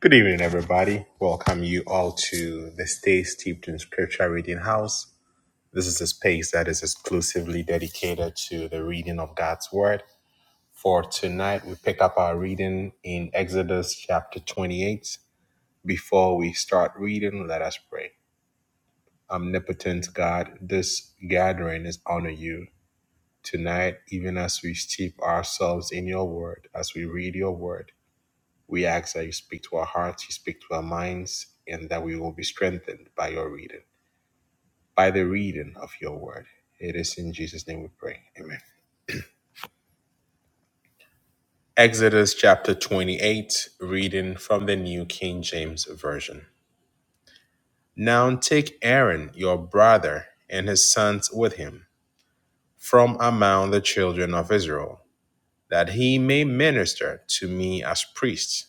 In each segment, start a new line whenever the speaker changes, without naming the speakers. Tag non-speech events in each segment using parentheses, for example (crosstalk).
Good evening, everybody. Welcome you all to the Stay Steeped in Scripture Reading House. This is a space that is exclusively dedicated to the reading of God's Word. For tonight, we pick up our reading in Exodus chapter 28. Before we start reading, let us pray. Omnipotent God, this gathering is honor you. Tonight, even as we steep ourselves in your word, as we read your word, We ask that you speak to our hearts, you speak to our minds, and that we will be strengthened by your reading, by the reading of your word. It is in Jesus' name we pray. Amen. Exodus chapter 28, reading from the New King James Version. Now take Aaron, your brother, and his sons with him from among the children of Israel, that he may minister to me as priests.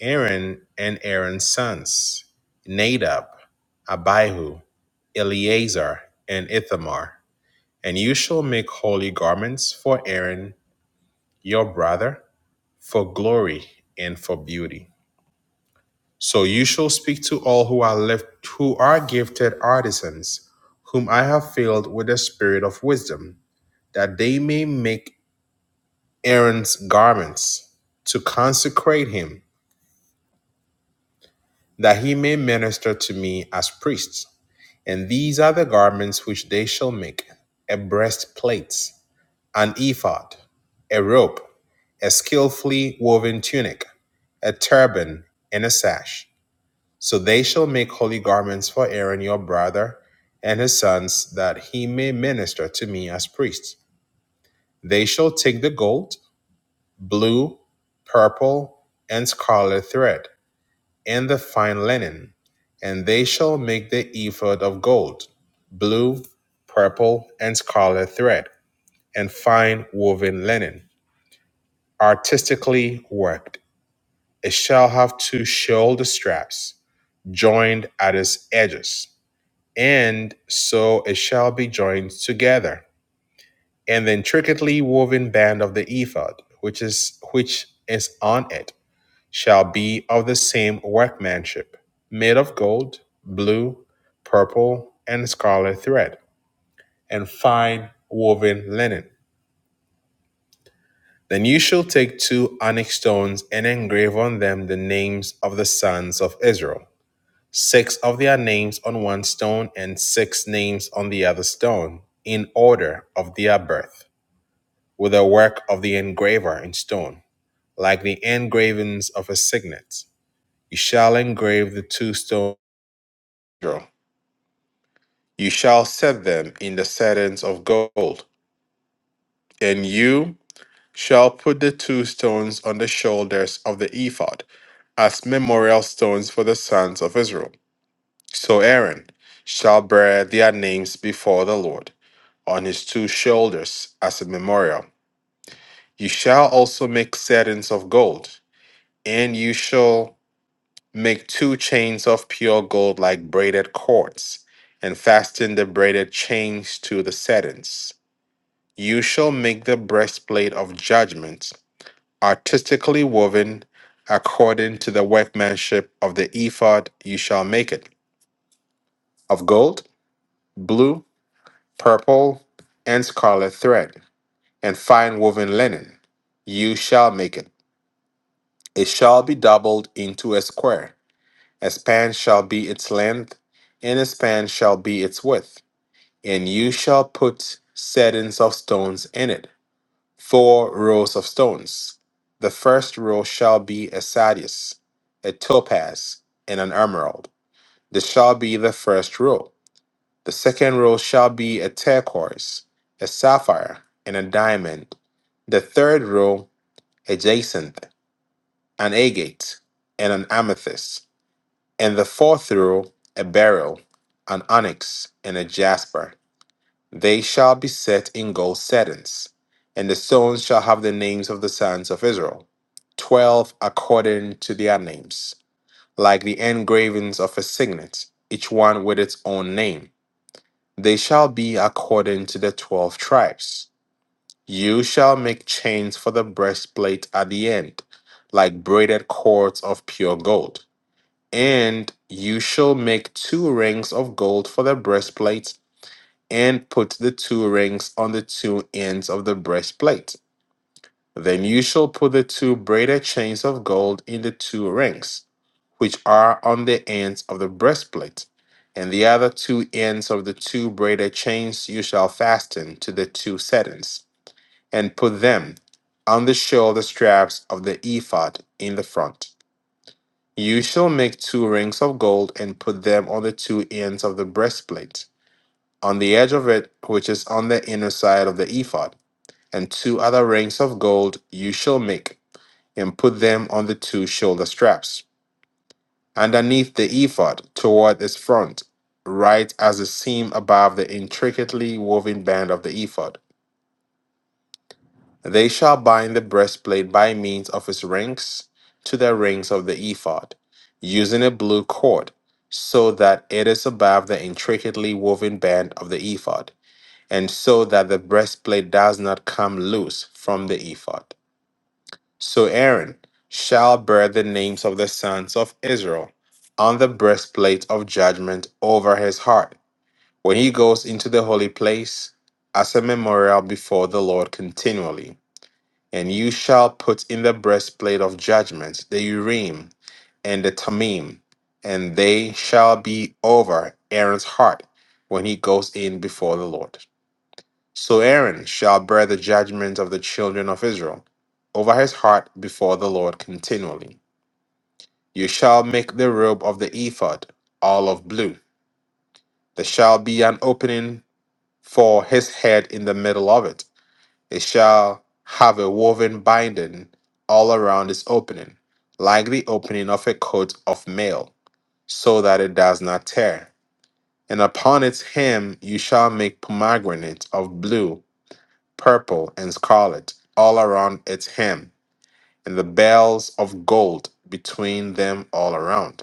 Aaron and Aaron's sons, Nadab, Abihu, Eleazar, and Ithamar. And you shall make holy garments for Aaron, your brother, for glory and for beauty. So you shall speak to all who are left, who are gifted artisans, whom I have filled with the spirit of wisdom, that they may make Aaron's garments to consecrate him, that he may minister to me as priest. And these are the garments which they shall make a breastplate, an ephod, a rope, a skillfully woven tunic, a turban, and a sash. So they shall make holy garments for Aaron your brother and his sons, that he may minister to me as priests. They shall take the gold, blue, purple, and scarlet thread and the fine linen, and they shall make the ephod of gold, blue, purple, and scarlet thread, and fine woven linen, artistically worked. It shall have two shoulder straps, joined at its edges, and so it shall be joined together. And the intricately woven band of the ephod, which is which is on it shall be of the same workmanship, made of gold, blue, purple, and scarlet thread, and fine woven linen. Then you shall take two onyx stones and engrave on them the names of the sons of Israel, six of their names on one stone, and six names on the other stone, in order of their birth, with the work of the engraver in stone, like the engravings of a signet. You shall engrave the two stones. of Israel You shall set them in the settings of gold, and you shall put the two stones on the shoulders of the ephod as memorial stones for the sons of Israel. So Aaron shall bear their names before the Lord on his two shoulders as a memorial. You shall also make settings of gold, and you shall make two chains of pure gold like braided cords, and fasten the braided chains to the settings. You shall make the breastplate of judgment, artistically woven according to the workmanship of the ephod, you shall make it of gold, blue, purple, and scarlet thread, and fine woven linen. You shall make it. It shall be doubled into a square. A span shall be its length, and a span shall be its width. And you shall put settings of stones in it four rows of stones. The first row shall be a sardius, a topaz, and an emerald. This shall be the first row. The second row shall be a turquoise, a sapphire, and a diamond. The third row, a jacinth, an agate, and an amethyst. And the fourth row, a beryl, an onyx, and a jasper. They shall be set in gold settings, and the stones shall have the names of the sons of Israel, twelve according to their names, like the engravings of a signet, each one with its own name. They shall be according to the twelve tribes. You shall make chains for the breastplate at the end, like braided cords of pure gold. And you shall make two rings of gold for the breastplate and put the two rings on the two ends of the breastplate. Then you shall put the two braided chains of gold in the two rings, which are on the ends of the breastplate. And the other two ends of the two braided chains you shall fasten to the two settings, and put them on the shoulder straps of the ephod in the front. You shall make two rings of gold and put them on the two ends of the breastplate on the edge of it, which is on the inner side of the ephod, and two other rings of gold you shall make, and put them on the two shoulder straps, underneath the ephod, toward its front, right as the seam above the intricately woven band of the ephod. They shall bind the breastplate by means of its rings to the rings of the ephod, using a blue cord, so that it is above the intricately woven band of the ephod. and so that the breastplate does not come loose from the ephod. So Aaron shall bear the names of the sons of Israel on the breastplate of judgment over his heart when he goes into the holy place as a memorial before the Lord continually. And you shall put in the breastplate of judgment the Urim and the Tamim, and they shall be over Aaron's heart when he goes in before the Lord. So Aaron shall bear the judgment of the children of Israel over his heart before the Lord continually. You shall make the robe of the ephod all of blue. There shall be an opening for his head in the middle of it. It shall have a woven binding all around its opening, like the opening of a coat of mail, so that it does not tear. And upon its hem you shall make pomegranate of blue purple, and scarlet all around its hem, and the bells of gold between them all around.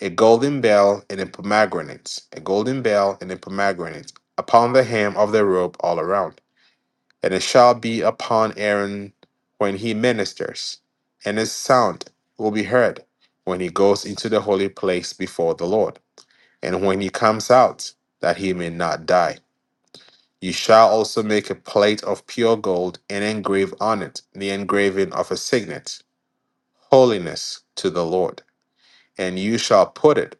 A golden bell and a pomegranate, a golden bell and a pomegranate upon the hem of the robe all around. And it shall be upon Aaron when he ministers, and his sound will be heard when he goes into the holy place before the Lord, and when he comes out, that he may not die. You shall also make a plate of pure gold and engrave on it the engraving of a signet, holiness to the Lord. And you shall put it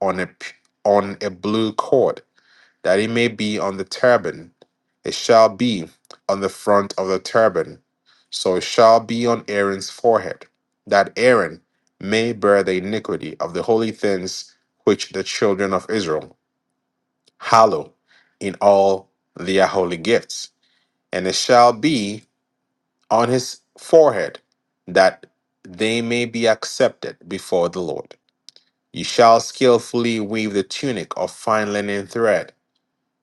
on a p- on a blue cord, that it may be on the turban. It shall be on the front of the turban, so it shall be on Aaron's forehead, that Aaron may bear the iniquity of the holy things which the children of Israel hallow in all their holy gifts and it shall be on his forehead, that they may be accepted before the Lord. You shall skillfully weave the tunic of fine linen thread.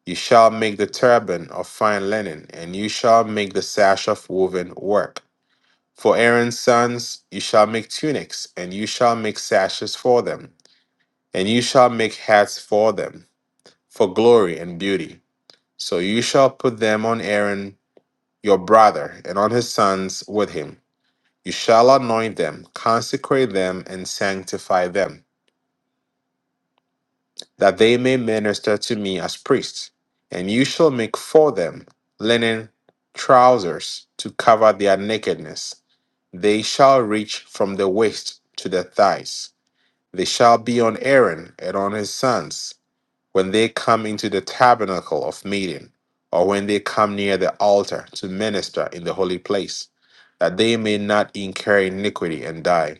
You shall make the turban of fine linen, and you shall make the sash of woven work. For Aaron's sons, you shall make tunics, and you shall make sashes for them, and you shall make hats for them, for glory and beauty. So you shall put them on Aaron your brother, and on his sons with him You shall anoint them, consecrate them, and sanctify them, that they may minister to me as priests. And you shall make for them linen trousers to cover their nakedness. They shall reach from the waist to the thighs. They shall be on Aaron and on his sons when they come into the tabernacle of meeting, or when they come near the altar to minister in the holy place, that they may not incur iniquity and die.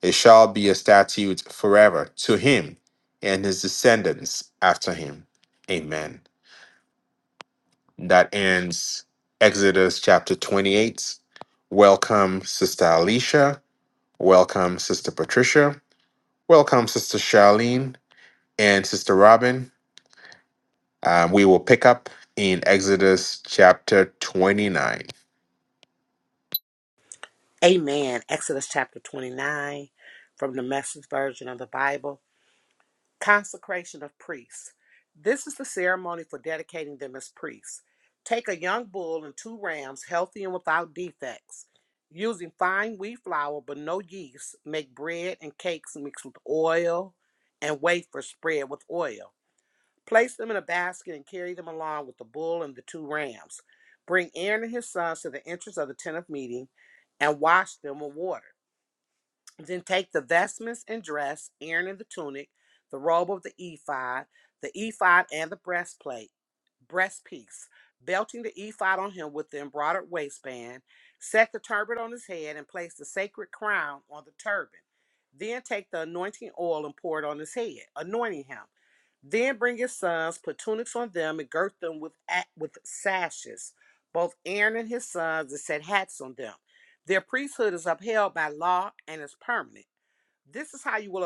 It shall be a statute forever to him and his descendants after him. Amen. That ends Exodus chapter 28. Welcome, Sister Alicia. Welcome, Sister Patricia. Welcome, Sister Charlene and Sister Robin. Um, we will pick up in Exodus chapter 29.
Amen. Exodus chapter 29 from the message version of the Bible. Consecration of priests. This is the ceremony for dedicating them as priests. Take a young bull and two rams, healthy and without defects. Using fine wheat flour but no yeast, make bread and cakes mixed with oil and wafers spread with oil. Place them in a basket and carry them along with the bull and the two rams. Bring Aaron and his sons to the entrance of the tent of meeting and wash them with water. Then take the vestments and dress, Aaron and the tunic, the robe of the ephod, the ephod and the breastplate, breast piece, belting the ephod on him with the embroidered waistband. Set the turban on his head and place the sacred crown on the turban. Then take the anointing oil and pour it on his head, anointing him. Then bring his sons, put tunics on them, and girt them with a- with sashes, both Aaron and his sons, and set hats on them. Their priesthood is upheld by law and is permanent. This is how you will,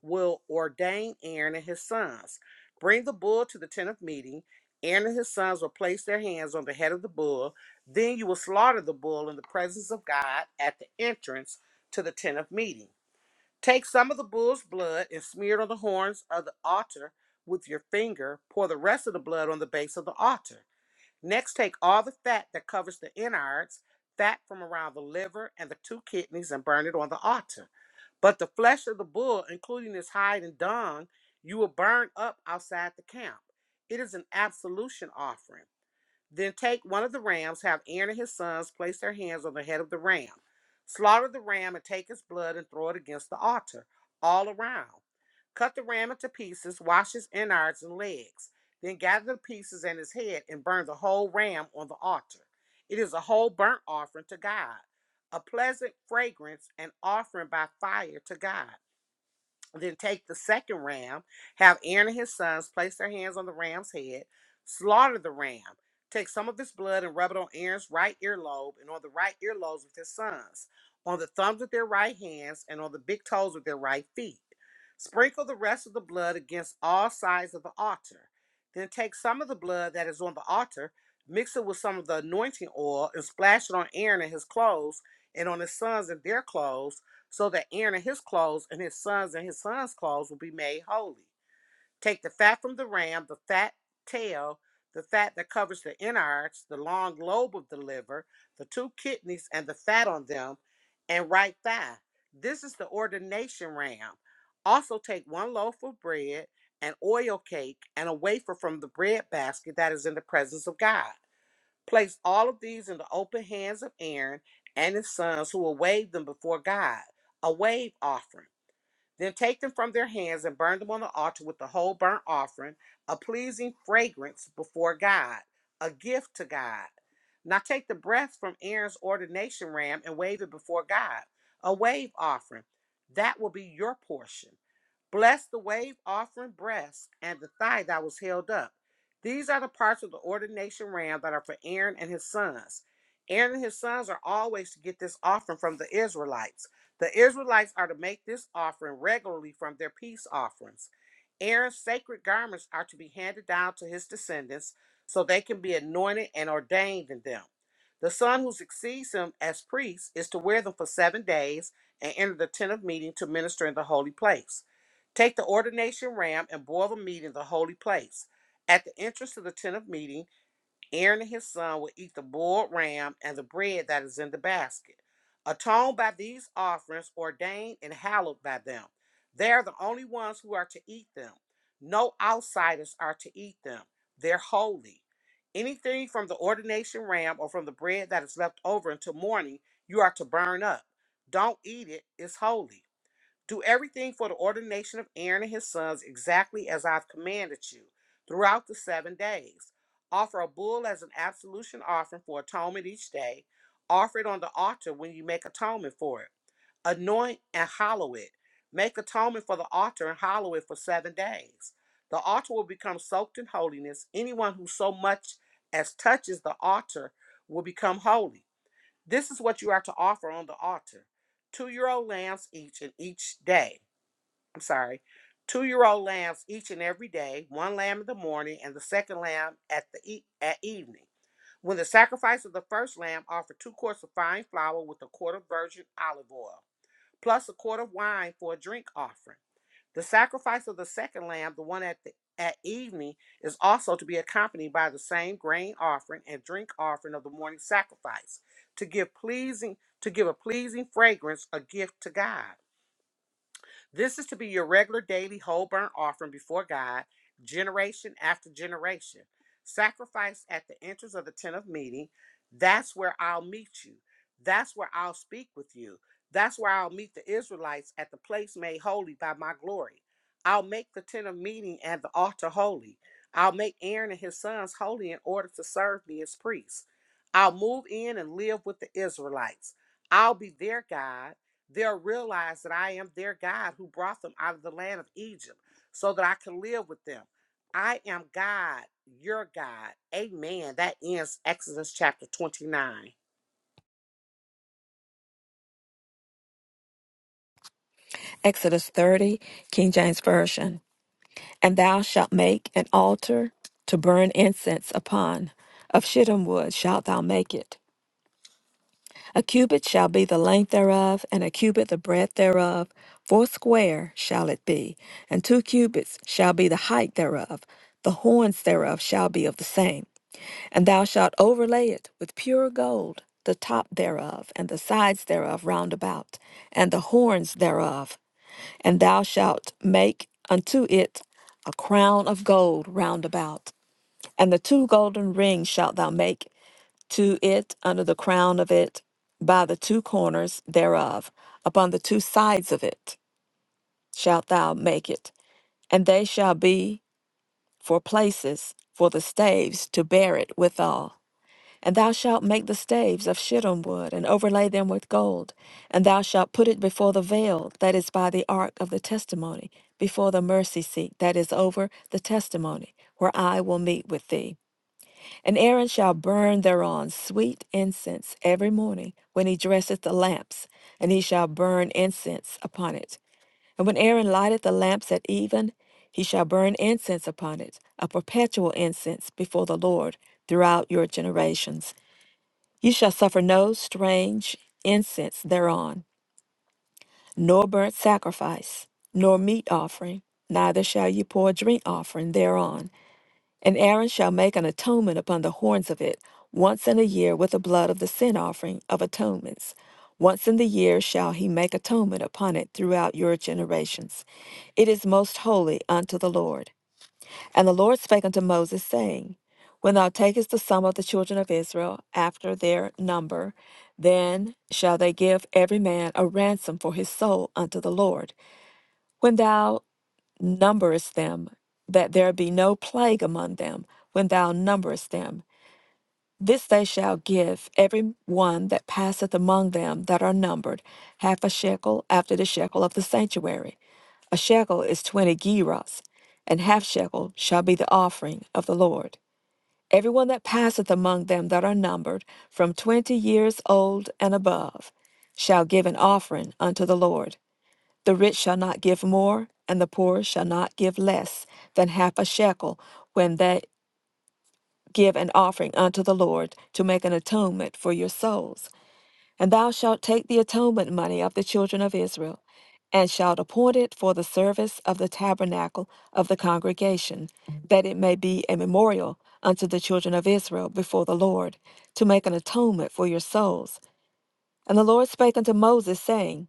will ordain Aaron and his sons. Bring the bull to the tent of meeting. Aaron and his sons will place their hands on the head of the bull. Then you will slaughter the bull in the presence of God at the entrance to the tent of meeting. Take some of the bull's blood and smear it on the horns of the altar with your finger. Pour the rest of the blood on the base of the altar. Next, take all the fat that covers the innards, fat from around the liver and the two kidneys, and burn it on the altar. But the flesh of the bull, including its hide and dung, you will burn up outside the camp. It is an absolution offering. Then take one of the rams, have Aaron and his sons place their hands on the head of the ram. Slaughter the ram and take its blood and throw it against the altar all around. Cut the ram into pieces, wash his innards and legs, then gather the pieces and his head and burn the whole ram on the altar. It is a whole burnt offering to God, a pleasant fragrance, an offering by fire to God. Then take the second ram, have Aaron and his sons place their hands on the ram's head, slaughter the ram. Take some of his blood and rub it on Aaron's right earlobe and on the right earlobes with his sons, on the thumbs with their right hands, and on the big toes with their right feet. Sprinkle the rest of the blood against all sides of the altar. Then take some of the blood that is on the altar, mix it with some of the anointing oil, and splash it on Aaron and his clothes, and on his sons and their clothes so that Aaron and his clothes and his sons and his sons' clothes will be made holy. Take the fat from the ram, the fat tail, the fat that covers the innards, the long lobe of the liver, the two kidneys, and the fat on them, and right thigh. This is the ordination ram. Also take one loaf of bread, an oil cake, and a wafer from the bread basket that is in the presence of God. Place all of these in the open hands of Aaron and his sons, who will wave them before God, a wave offering. Then take them from their hands and burn them on the altar with the whole burnt offering, a pleasing fragrance before God, a gift to God. Now take the breast from Aaron's ordination ram and wave it before God, a wave offering. That will be your portion. Bless the wave offering breast and the thigh that was held up. These are the parts of the ordination ram that are for Aaron and his sons. Aaron and his sons are always to get this offering from the Israelites. The Israelites are to make this offering regularly from their peace offerings. Aaron's sacred garments are to be handed down to his descendants so they can be anointed and ordained in them. The son who succeeds him as priest is to wear them for seven days and enter the tent of meeting to minister in the holy place. Take the ordination ram and boil the meat in the holy place. At the entrance to the tent of meeting, Aaron and his son will eat the boiled ram and the bread that is in the basket. Atoned by these offerings, ordained and hallowed by them. They are the only ones who are to eat them. No outsiders are to eat them. They're holy. Anything from the ordination ram or from the bread that is left over until morning, you are to burn up. Don't eat it, it's holy. Do everything for the ordination of Aaron and his sons exactly as I've commanded you throughout the seven days. Offer a bull as an absolution offering for atonement each day. Offer it on the altar when you make atonement for it. Anoint and hallow it. Make atonement for the altar and hallow it for seven days. The altar will become soaked in holiness. Anyone who so much as touches the altar will become holy. This is what you are to offer on the altar two year old lambs each and each day I'm sorry, two year old lambs each and every day, one lamb in the morning and the second lamb at the e- at evening. When the sacrifice of the first lamb, offer two quarts of fine flour with a quart of virgin olive oil, plus a quart of wine for a drink offering. The sacrifice of the second lamb, the one at the at evening, is also to be accompanied by the same grain offering and drink offering of the morning sacrifice, to give pleasing to give a pleasing fragrance, a gift to God. This is to be your regular daily whole burnt offering before God, generation after generation. Sacrifice at the entrance of the tent of meeting. That's where I'll meet you. That's where I'll speak with you. That's where I'll meet the Israelites at the place made holy by my glory. I'll make the tent of meeting and the altar holy. I'll make Aaron and his sons holy in order to serve me as priests. I'll move in and live with the Israelites. I'll be their God They'll realize that I am their God who brought them out of the land of Egypt so that I can live with them. I am God, your God. Amen. That ends Exodus chapter 29.
Exodus 30, King James Version. And thou shalt make an altar to burn incense upon. Of shittim wood shalt thou make it. A cubit shall be the length thereof, and a cubit the breadth thereof. Foursquare shall it be, and two cubits shall be the height thereof. The horns thereof shall be of the same. And thou shalt overlay it with pure gold, the top thereof, and the sides thereof round about, and the horns thereof and thou shalt make unto it a crown of gold round about. And the two golden rings shalt thou make to it under the crown of it by the two corners thereof, upon the two sides of it shalt thou make it, and they shall be for places for the staves to bear it withal. And thou shalt make the staves of shittim wood, and overlay them with gold. And thou shalt put it before the veil that is by the ark of the testimony, before the mercy seat that is over the testimony, where I will meet with thee. And Aaron shall burn thereon sweet incense every morning when he dresseth the lamps, and he shall burn incense upon it. And when Aaron lighteth the lamps at even, he shall burn incense upon it, a perpetual incense before the Lord throughout your generations. You shall suffer no strange incense thereon, nor burnt sacrifice, nor meat offering, neither shall you pour drink offering thereon. And Aaron shall make an atonement upon the horns of it once in a year with the blood of the sin offering of atonements. Once in the year shall he make atonement upon it throughout your generations. It is most holy unto the Lord. And the Lord spake unto Moses, saying, When thou takest the sum of the children of Israel after their number, then shall they give every man a ransom for his soul unto the Lord. When thou numberest them, that there be no plague among them, when thou numberest them, this they shall give every one that passeth among them that are numbered, half a shekel after the shekel of the sanctuary. A shekel is twenty gerahs, and half shekel shall be the offering of the Lord. Everyone that passeth among them that are numbered, from twenty years old and above, shall give an offering unto the Lord. The rich shall not give more, and the poor shall not give less than half a shekel when they give an offering unto the Lord to make an atonement for your souls. And thou shalt take the atonement money of the children of Israel, and shalt appoint it for the service of the tabernacle of the congregation, that it may be a memorial unto the children of Israel before the Lord, to make an atonement for your souls. And the Lord spake unto Moses, saying,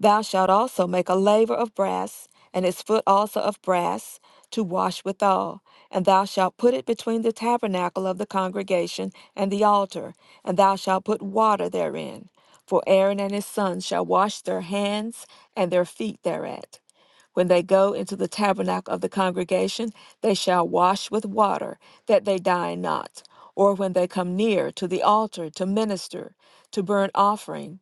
Thou shalt also make a laver of brass, and its foot also of brass, to wash withal. And thou shalt put it between the tabernacle of the congregation and the altar, and thou shalt put water therein. For Aaron and his sons shall wash their hands and their feet thereat. When they go into the tabernacle of the congregation, they shall wash with water, that they die not. Or when they come near to the altar to minister, to burn offering,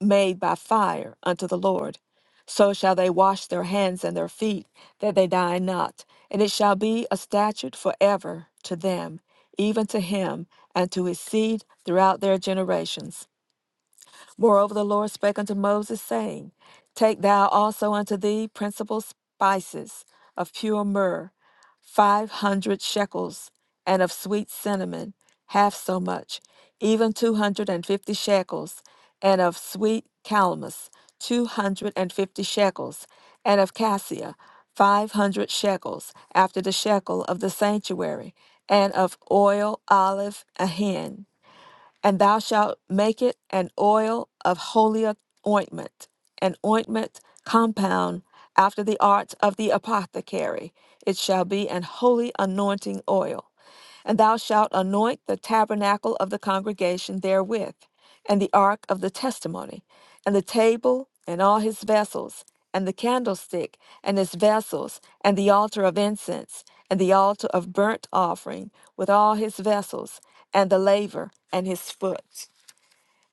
made by fire unto the Lord. So shall they wash their hands and their feet, that they die not. And it shall be a statute forever to them, even to him and to his seed throughout their generations. Moreover, the Lord spake unto Moses, saying, Take thou also unto thee principal spices of pure myrrh, five hundred shekels, and of sweet cinnamon, half so much, even two hundred and fifty shekels, and of sweet calamus, two hundred and fifty shekels, and of cassia, five hundred shekels, after the shekel of the sanctuary, and of oil, olive, a hin and thou shalt make it an oil of holy ointment, an ointment compound after the art of the apothecary. It shall be an holy anointing oil. And thou shalt anoint the tabernacle of the congregation therewith, and the ark of the testimony, and the table, and all his vessels, and the candlestick, and his vessels, and the altar of incense, and the altar of burnt offering, with all his vessels, and the laver, and his foot.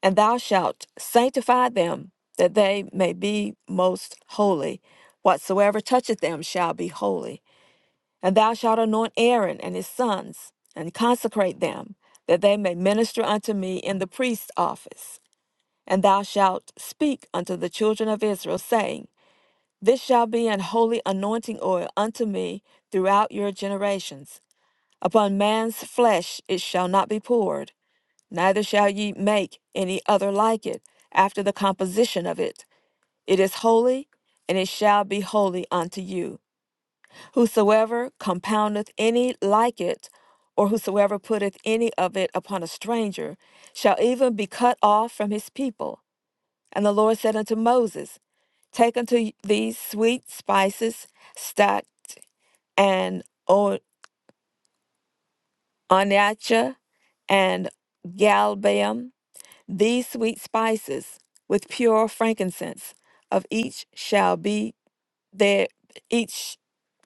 And thou shalt sanctify them, that they may be most holy. Whatsoever toucheth them shall be holy. And thou shalt anoint Aaron and his sons, and consecrate them, that they may minister unto me in the priest's office. And thou shalt speak unto the children of Israel, saying, This shall be an holy anointing oil unto me throughout your generations. Upon man's flesh it shall not be poured, neither shall ye make any other like it, after the composition of it. It is holy, and it shall be holy unto you. Whosoever compoundeth any like it, or whosoever putteth any of it upon a stranger, shall even be cut off from his people. And the Lord said unto Moses, Take unto these sweet spices, stacked and o- onycha and galbanum, these sweet spices, with pure frankincense, of each shall be there, each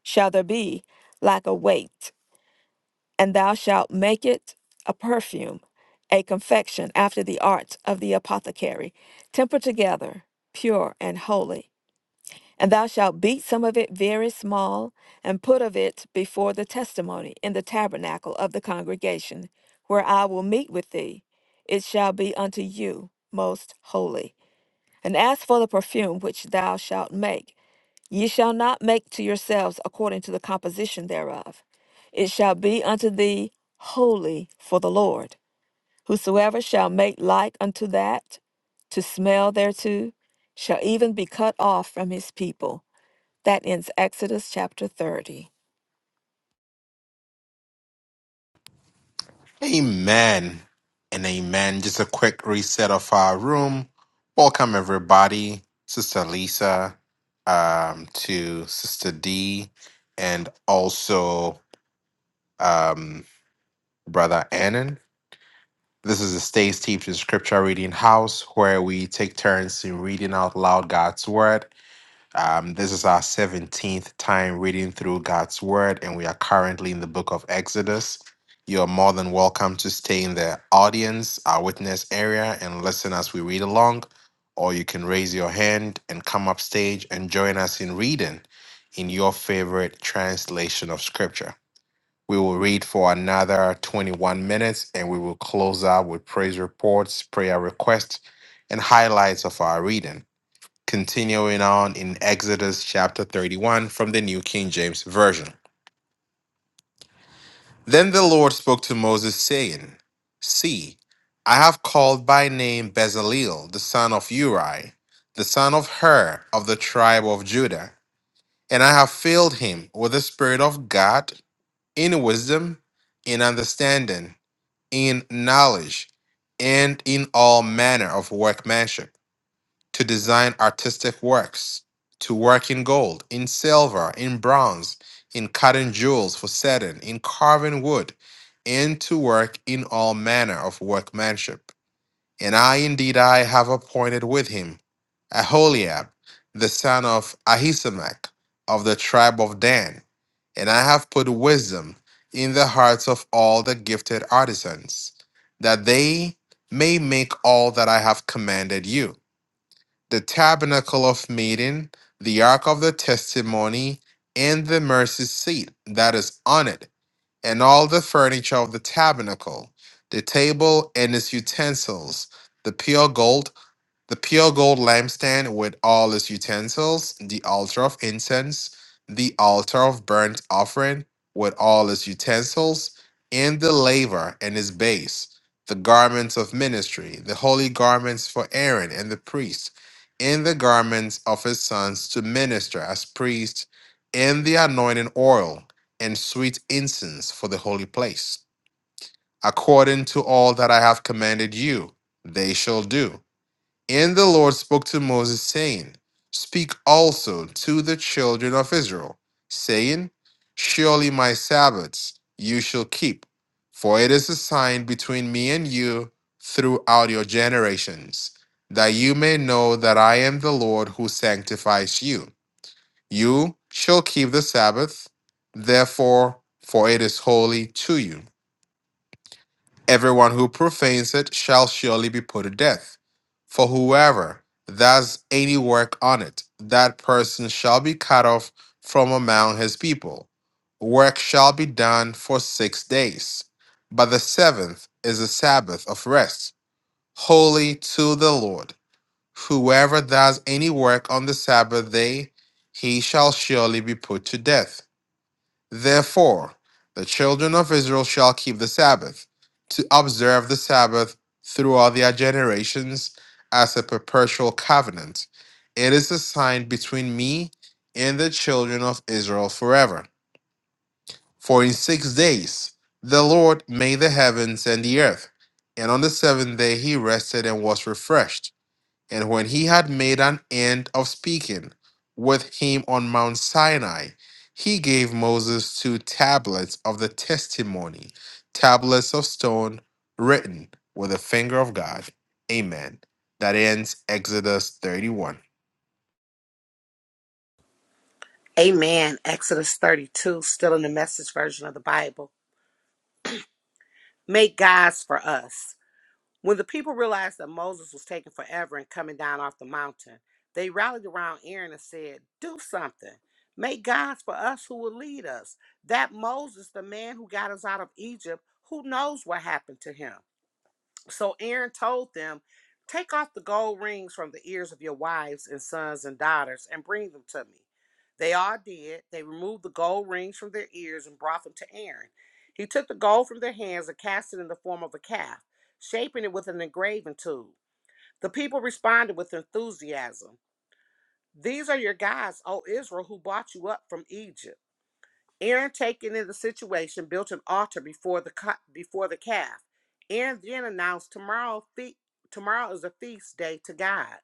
shall there be like a weight. and thou shalt make it a perfume, a confection after the art of the apothecary, tempered together, pure and holy. And thou shalt beat some of it very small, and put of it before the testimony in the tabernacle of the congregation, where I will meet with thee. It shall be unto you most holy. And as for the perfume which thou shalt make, Ye shall not make to yourselves according to the composition thereof. It shall be unto thee holy for the Lord. Whosoever shall make like unto that, to smell thereto, shall even be cut off from his people. That ends Exodus chapter 30.
Amen and amen. Just a quick reset of our room. Welcome everybody, Sister Lisa, um, to Sister D, and also um, Brother Annan. This is the Stays Teaching Scripture Reading House where we take turns in reading out loud God's Word um, this is our 17th time reading through God's Word, and we are currently in the book of Exodus. You are more than welcome to stay in the audience, our witness area, and listen as we read along, or you can raise your hand and come up stage and join us in reading in your favorite translation of Scripture. We will read for another 21 minutes and we will close out with praise reports, prayer requests, and highlights of our reading continuing on in Exodus chapter 31 from the New King James Version. Then the Lord spoke to Moses, saying, See, I have called by name Bezaleel, the son of Uri, the son of Hur of the tribe of Judah, and I have filled him with the Spirit of God in wisdom, in understanding, in knowledge, and in all manner of workmanship to design artistic works, to work in gold, in silver, in bronze, in cutting jewels for setting, in carving wood, and to work in all manner of workmanship. And I indeed I have appointed with him Aholiab, the son of Ahisamach, of the tribe of Dan, and I have put wisdom in the hearts of all the gifted artisans, that they may make all that I have commanded you the tabernacle of meeting, the ark of the testimony, and the mercy seat that is on it, and all the furniture of the tabernacle, the table and its utensils, the pure gold the pure gold lampstand with all its utensils, the altar of incense, the altar of burnt offering with all its utensils, and the laver and its base, the garments of ministry, the holy garments for Aaron and the priest, and the garments of his sons to minister as priests, and the anointing oil and sweet incense for the holy place. According to all that I have commanded you, they shall do and the Lord spoke to Moses, saying, Speak also to the children of Israel, saying, Surely my Sabbaths you shall keep, for it is a sign between me and you throughout your generations, that you may know that I am the Lord who sanctifies you. You shall keep the Sabbath, therefore, for it is holy to you. Everyone who profanes it shall surely be put to death. For whoever does any work on it, that person shall be cut off from among his people. Work shall be done for six days. But the seventh is a Sabbath of rest, holy to the Lord. Whoever does any work on the Sabbath day, he shall surely be put to death. Therefore, the children of Israel shall keep the Sabbath, to observe the Sabbath throughout their generations as a perpetual covenant. It is a sign between me and the children of Israel forever. For in six days the Lord made the heavens and the earth, and on the seventh day he rested and was refreshed. And when he had made an end of speaking with him on Mount Sinai, he gave Moses two tablets of the testimony, tablets of stone written with the finger of God. Amen. That ends Exodus 31.
Amen. Exodus 32, still in the message version of the Bible. Make gods for us. When the people realized that Moses was taking forever and coming down off the mountain, they rallied around Aaron and said, Do something. Make gods for us who will lead us. That Moses, the man who got us out of Egypt, who knows what happened to him? So Aaron told them, Take off the gold rings from the ears of your wives and sons and daughters and bring them to me. They all did. They removed the gold rings from their ears and brought them to Aaron. He took the gold from their hands and cast it in the form of a calf, shaping it with an engraving tool. The people responded with enthusiasm These are your gods, O Israel, who brought you up from Egypt. Aaron, taken in the situation, built an altar before the before the calf. Aaron then announced, "Tomorrow, fe- tomorrow is a feast day to God."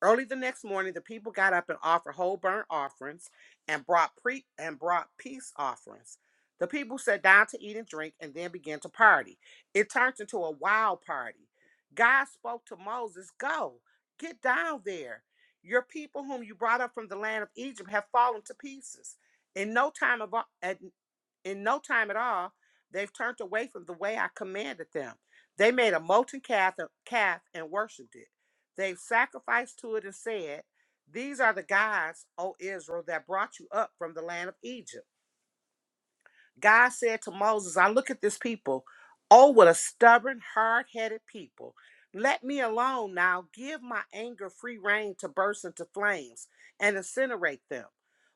Early the next morning, the people got up and offered whole burnt offerings and brought pre and brought peace offerings. The people sat down to eat and drink and then began to party. It turned into a wild party. God spoke to Moses, "Go, get down there. Your people whom you brought up from the land of Egypt have fallen to pieces. In no time of at, in no time at all, they've turned away from the way I commanded them. They made a molten calf, uh, calf and worshipped it. They sacrificed to it and said, These are the gods, O Israel, that brought you up from the land of Egypt. God said to Moses, I look at this people. Oh, what a stubborn, hard headed people. Let me alone now. Give my anger free rein to burst into flames and incinerate them.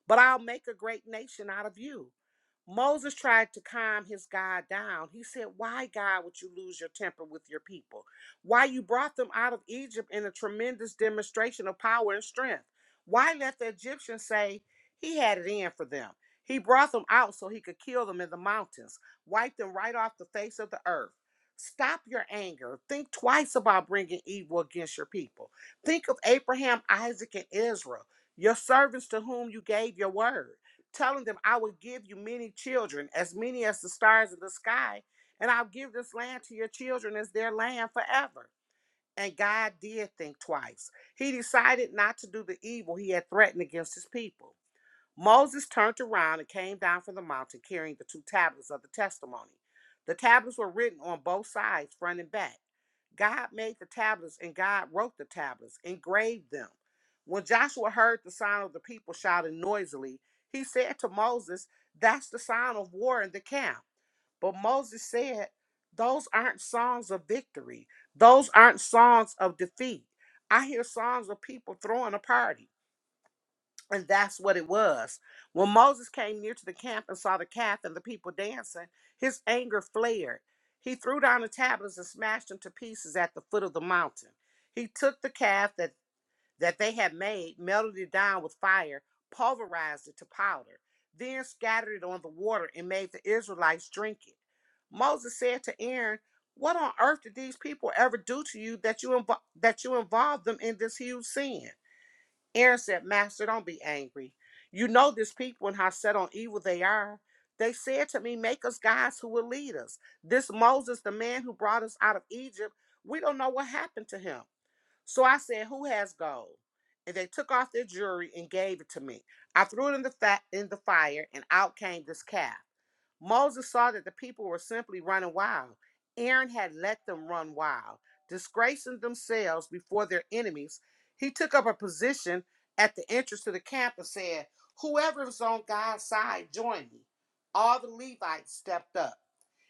But I'll make a great nation out of you. Moses tried to calm his God down. He said, Why, God, would you lose your temper with your people? Why you brought them out of Egypt in a tremendous demonstration of power and strength? Why let the Egyptians say he had it in for them? He brought them out so he could kill them in the mountains, wipe them right off the face of the earth. Stop your anger. Think twice about bringing evil against your people. Think of Abraham, Isaac, and Israel, your servants to whom you gave your word telling them, I will give you many children, as many as the stars of the sky, and I'll give this land to your children as their land forever. And God did think twice. He decided not to do the evil he had threatened against his people. Moses turned around and came down from the mountain carrying the two tablets of the testimony. The tablets were written on both sides, front and back. God made the tablets and God wrote the tablets, engraved them. When Joshua heard the sound of the people shouting noisily, he said to Moses, That's the sound of war in the camp. But Moses said, Those aren't songs of victory, those aren't songs of defeat. I hear songs of people throwing a party. And that's what it was. When Moses came near to the camp and saw the calf and the people dancing, his anger flared. He threw down the tablets and smashed them to pieces at the foot of the mountain. He took the calf that, that they had made, melted it down with fire, pulverized it to powder, then scattered it on the water and made the Israelites drink it. Moses said to Aaron, What on earth did these people ever do to you that you, invo- that you involved them in this huge sin? Aaron said, Master, don't be angry. You know this people and how set on evil they are. They said to me, Make us gods who will lead us. This Moses, the man who brought us out of Egypt, we don't know what happened to him. So I said, Who has gold? And they took off their jewelry and gave it to me. I threw it in the, fa- in the fire, and out came this calf. Moses saw that the people were simply running wild. Aaron had let them run wild, disgracing themselves before their enemies. He took up a position at the entrance to the camp and said, Whoever is on God's side, join me. All the Levites stepped up.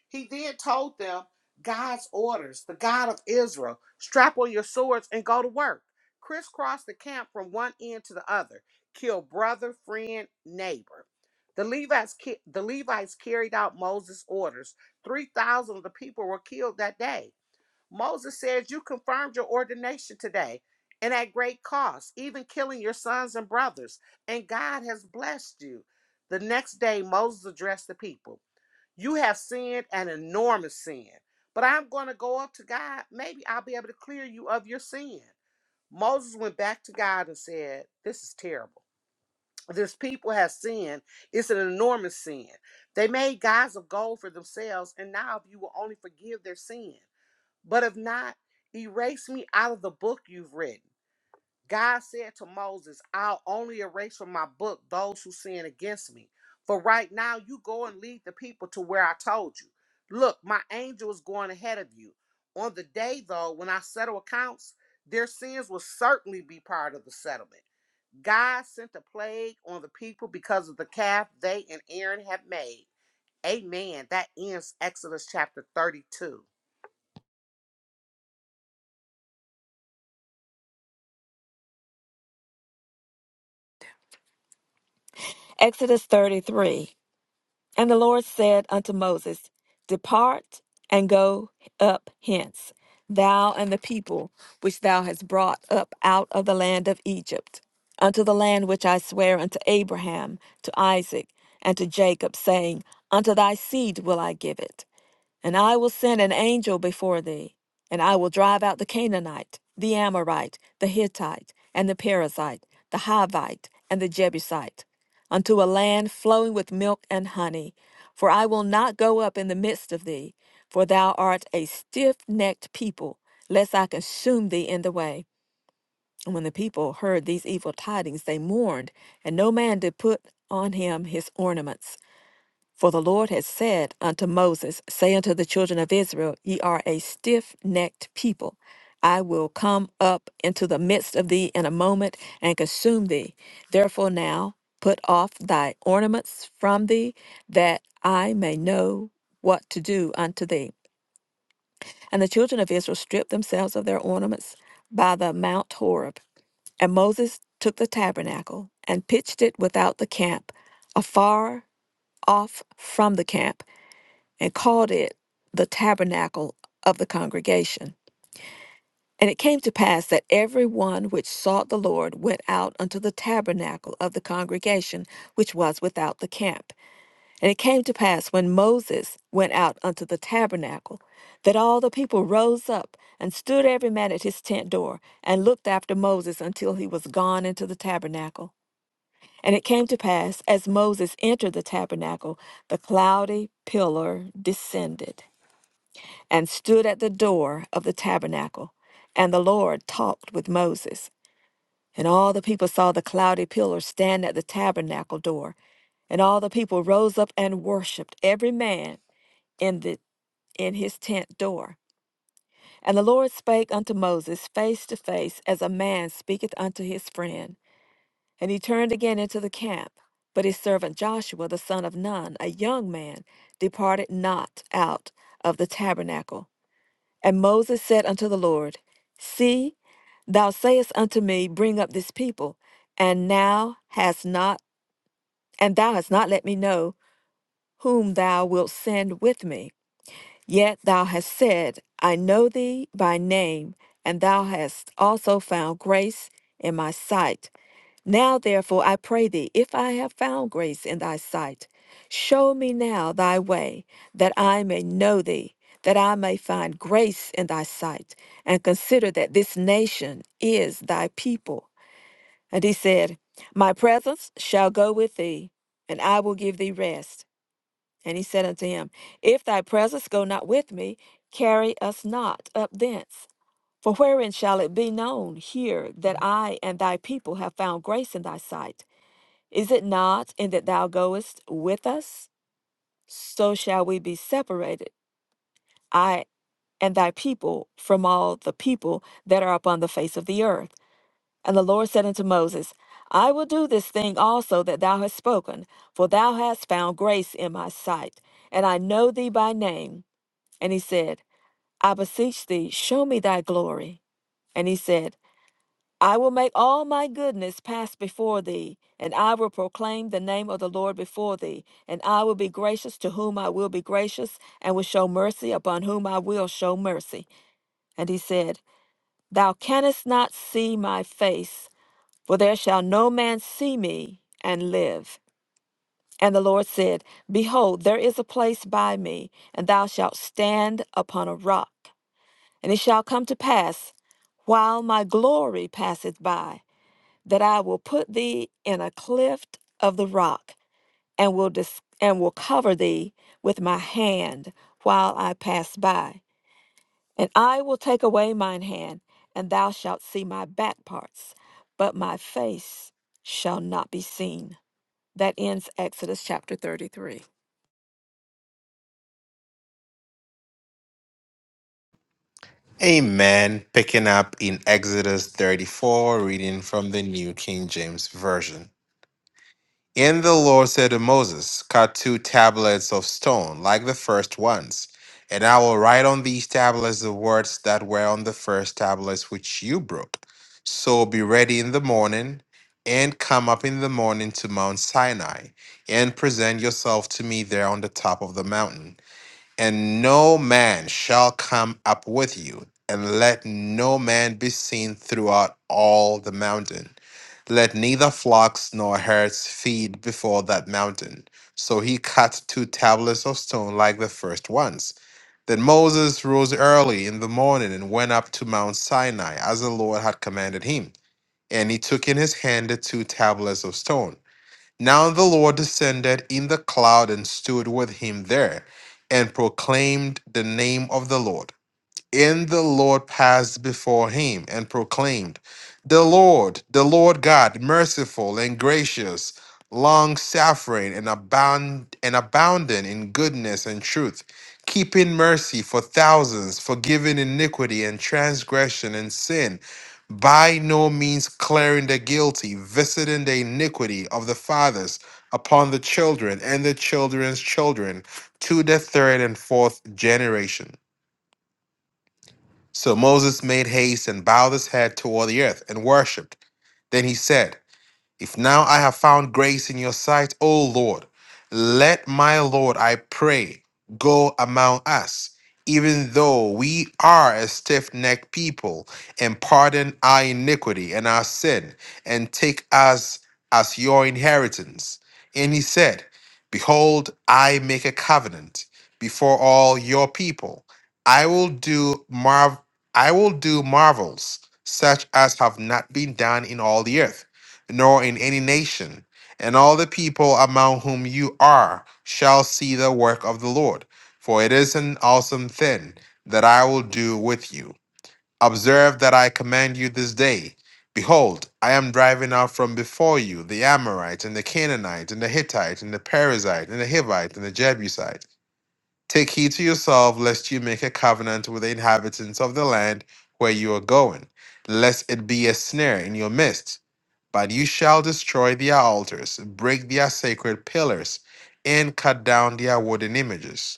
He then told them God's orders, the God of Israel, strap on your swords and go to work. Crisscross the camp from one end to the other, kill brother, friend, neighbor. The Levites, ki- the Levites carried out Moses' orders. 3,000 of the people were killed that day. Moses says, You confirmed your ordination today, and at great cost, even killing your sons and brothers, and God has blessed you. The next day, Moses addressed the people. You have sinned an enormous sin. But I'm going to go up to God. Maybe I'll be able to clear you of your sin. Moses went back to God and said, This is terrible. This people have sinned. It's an enormous sin. They made gods of gold for themselves, and now if you will only forgive their sin. But if not, erase me out of the book you've written. God said to Moses, I'll only erase from my book those who sin against me. For right now, you go and lead the people to where I told you. Look, my angel is going ahead of you. On the day, though, when I settle accounts, their sins will certainly be part of the settlement. God sent a plague on the people because of the calf they and Aaron had made. Amen. That ends Exodus chapter 32.
Exodus 33. And the Lord said unto Moses, Depart and go up hence, thou and the people which thou hast brought up out of the land of Egypt, unto the land which I swear unto Abraham, to Isaac, and to Jacob, saying, Unto thy seed will I give it. And I will send an angel before thee, and I will drive out the Canaanite, the Amorite, the Hittite, and the Perizzite, the Hivite, and the Jebusite, unto a land flowing with milk and honey. For I will not go up in the midst of thee, for thou art a stiff necked people, lest I consume thee in the way. And when the people heard these evil tidings, they mourned, and no man did put on him his ornaments. For the Lord had said unto Moses, Say unto the children of Israel, Ye are a stiff necked people. I will come up into the midst of thee in a moment and consume thee. Therefore now put off thy ornaments from thee, that I may know what to do unto thee. And the children of Israel stripped themselves of their ornaments by the Mount Horeb. And Moses took the tabernacle and pitched it without the camp, afar off from the camp and called it the tabernacle of the congregation. And it came to pass that every one which sought the Lord went out unto the tabernacle of the congregation which was without the camp. And it came to pass when Moses went out unto the tabernacle, that all the people rose up and stood every man at his tent door and looked after Moses until he was gone into the tabernacle. And it came to pass, as Moses entered the tabernacle, the cloudy pillar descended and stood at the door of the tabernacle. And the Lord talked with Moses. And all the people saw the cloudy pillar stand at the tabernacle door. And all the people rose up and worshipped every man in the in his tent door. And the Lord spake unto Moses face to face as a man speaketh unto his friend. And he turned again into the camp. But his servant Joshua the son of Nun, a young man, departed not out of the tabernacle. And Moses said unto the Lord, See, thou sayest unto me, Bring up this people, and now hast not, and thou hast not let me know whom thou wilt send with me. Yet thou hast said, I know thee by name, and thou hast also found grace in my sight. Now, therefore, I pray thee, if I have found grace in thy sight, show me now thy way, that I may know thee, that I may find grace in thy sight, and consider that this nation is thy people. And he said, My presence shall go with thee, and I will give thee rest. And he said unto him, If thy presence go not with me, carry us not up thence. For wherein shall it be known here that I and thy people have found grace in thy sight? Is it not in that thou goest with us? So shall we be separated, I and thy people, from all the people that are upon the face of the earth. And the Lord said unto Moses, I will do this thing also that thou hast spoken, for thou hast found grace in my sight, and I know thee by name. And he said, I beseech thee, show me thy glory. And he said, I will make all my goodness pass before thee, and I will proclaim the name of the Lord before thee, and I will be gracious to whom I will be gracious, and will show mercy upon whom I will show mercy. And he said, Thou canst not see my face, for there shall no man see me and live. And the Lord said, Behold, there is a place by me, and thou shalt stand upon a rock. And it shall come to pass, while my glory passeth by that I will put thee in a cleft of the rock, and will dis- and will cover thee with my hand while I pass by. And I will take away mine hand, and thou shalt see my back parts, but my face shall not be seen. That ends Exodus chapter 33.
Amen. Picking up in Exodus 34, reading from the New King James Version. And the Lord said to Moses, Cut two tablets of stone, like the first ones, and I will write on these tablets the words that were on the first tablets which you broke. So be ready in the morning, and come up in the morning to Mount Sinai, and present yourself to me there on the top of the mountain. And no man shall come up with you, and let no man be seen throughout all the mountain. Let neither flocks nor herds feed before that mountain. So he cut two tablets of stone like the first ones. Then Moses rose early in the morning and went up to Mount Sinai, as the Lord had commanded him. And he took in his hand the two tablets of stone. Now the Lord descended in the cloud and stood with him there and proclaimed the name of the Lord in the Lord passed before him and proclaimed, The Lord, the Lord God, merciful and gracious, long suffering and abound and abounding in goodness and truth, keeping mercy for thousands, forgiving iniquity and transgression and sin, by no means clearing the guilty, visiting the iniquity of the fathers upon the children and the children's children to the third and fourth generation. So Moses made haste and bowed his head toward the earth and worshipped. Then he said, if now I have found grace in your sight, O Lord, let my Lord, I pray, go among us, even though we are a stiff necked people, and pardon our iniquity and our sin, and take us as your inheritance. And he said, Behold, I make a covenant before all your people. I will do marv I will do marvels such as have not been done in all the earth nor in any nation. And all the people among whom you are shall see the work of the Lord, for it is an awesome thing that I will do with you. Observe that I command you this day. Behold, I am driving out from before you the Amorite, and the Canaanite, and the Hittite, and the Perizzite, and the Hivite, and the Jebusite. Take heed to yourself, lest you make a covenant with the inhabitants of the land where you are going, lest it be a snare in your midst but you shall destroy their altars, break their sacred pillars, and cut down their wooden images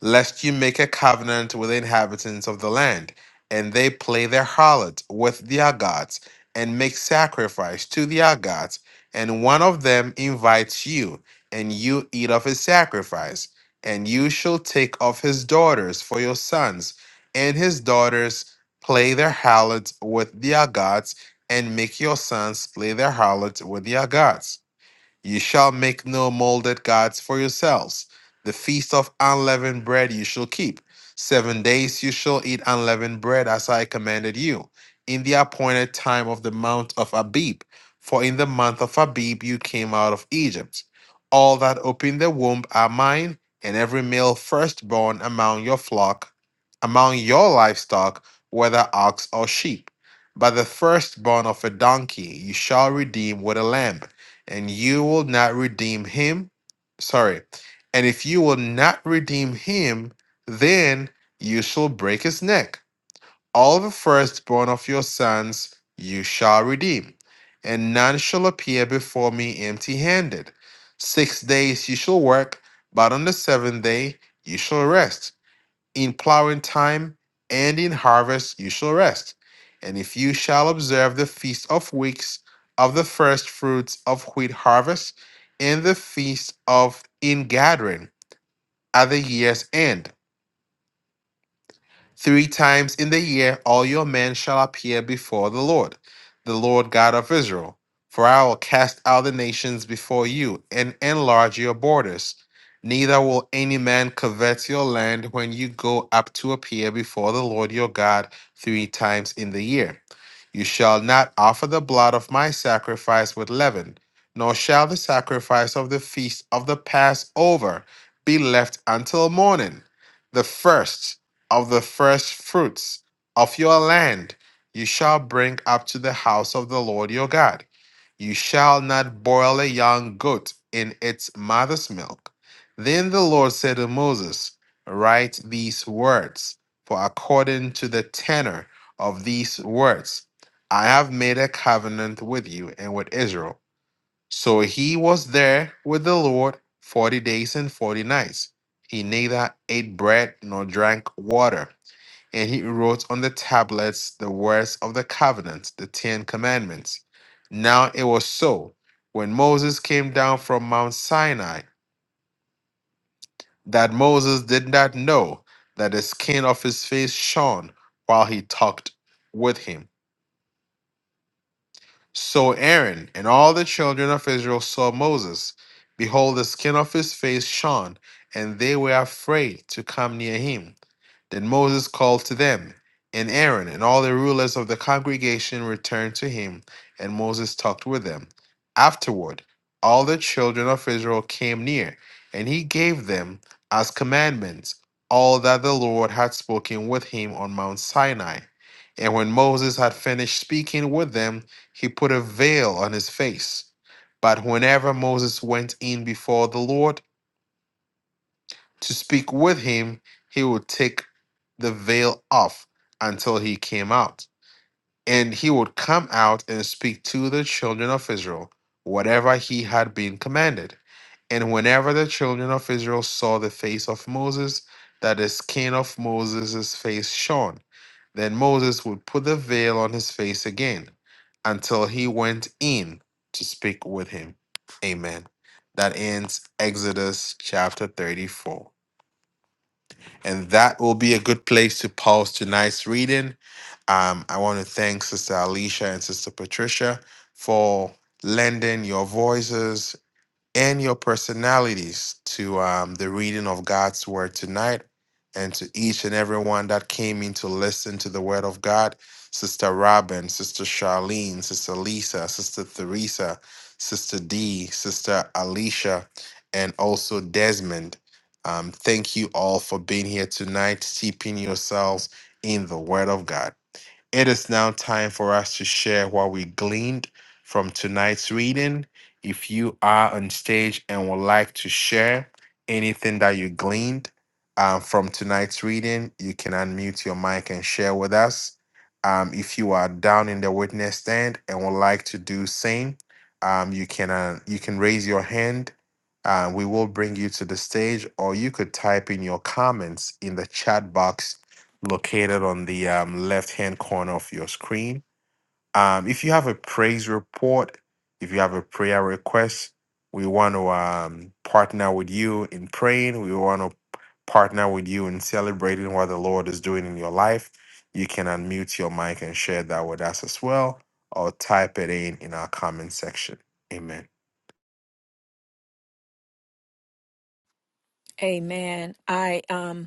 lest you make a covenant with the inhabitants of the land, and they play their harlot with their gods, and make sacrifice to their gods, and one of them invites you, and you eat of his sacrifice, and you shall take of his daughters for your sons, and his daughters play their harlot with their gods, and make your sons play their harlot with their gods. Ye shall make no molded gods for yourselves. The feast of unleavened bread you shall keep. Seven days you shall eat unleavened bread as I commanded you, in the appointed time of the month of Abib. For in the month of Abib you came out of Egypt. All that open the womb are mine, and every male firstborn among your flock, among your livestock, whether ox or sheep. But the firstborn of a donkey you shall redeem with a lamb and you will not redeem him. Sorry. And if you will not redeem him, then you shall break his neck. All the firstborn of your sons you shall redeem, and none shall appear before me empty handed. Six days you shall work, but on the seventh day you shall rest in plowing time and in harvest you shall rest. And if you shall observe the feast of weeks of the first fruits of wheat harvest and the feast of ingathering at the year's end, Three times in the year all your men shall appear before the Lord, the Lord God of Israel. For I will cast out the nations before you and enlarge your borders. Neither will any man covet your land when you go up to appear before the Lord your God three times in the year. You shall not offer the blood of my sacrifice with leaven, nor shall the sacrifice of the feast of the Passover be left until morning, the first of the first fruits of your land you shall bring up to the house of the Lord your God. You shall not boil a young goat in its mother's milk. Then the Lord said to Moses, Write these words, for according to the tenor of these words, I have made a covenant with you and with Israel. So he was there with the Lord 40 days and 40 nights. He neither ate bread nor drank water. And he wrote on the tablets the words of the covenant, the Ten Commandments. Now it was so when Moses came down from Mount Sinai that Moses did not know that the skin of his face shone while he talked with him. So Aaron and all the children of Israel saw Moses. Behold, the skin of his face shone, and they were afraid to come near him. Then Moses called to them, and Aaron and all the rulers of the congregation returned to him, and Moses talked with them. Afterward, all the children of Israel came near, and he gave them as commandments all that the Lord had spoken with him on Mount Sinai. And when Moses had finished speaking with them, he put a veil on his face. But whenever Moses went in before the Lord, to speak with him, he would take the veil off until he came out. And he would come out and speak to the children of Israel whatever he had been commanded. And whenever the children of Israel saw the face of Moses, that the skin of Moses' face shone, then Moses would put the veil on his face again until he went in to speak with him. Amen. That ends Exodus chapter 34. And that will be a good place to pause tonight's reading. Um, I want to thank Sister Alicia and Sister Patricia for lending your voices and your personalities to um, the reading of God's word tonight and to each and everyone that came in to listen to the word of God. Sister Robin, Sister Charlene, Sister Lisa, Sister Theresa, Sister D, Sister Alicia, and also Desmond. Um, thank you all for being here tonight, steeping yourselves in the word of God. It is now time for us to share what we gleaned from tonight's reading. If you are on stage and would like to share anything that you gleaned uh, from tonight's reading, you can unmute your mic and share with us. Um, if you are down in the witness stand and would like to do same, um, you can uh, you can raise your hand. Uh, we will bring you to the stage, or you could type in your comments in the chat box located on the um, left hand corner of your screen. Um, if you have a praise report, if you have a prayer request, we want to um, partner with you in praying. We want to partner with you in celebrating what the Lord is doing in your life. You can unmute your mic and share that with us as well, or type it in in our comment section. Amen.
Amen. I um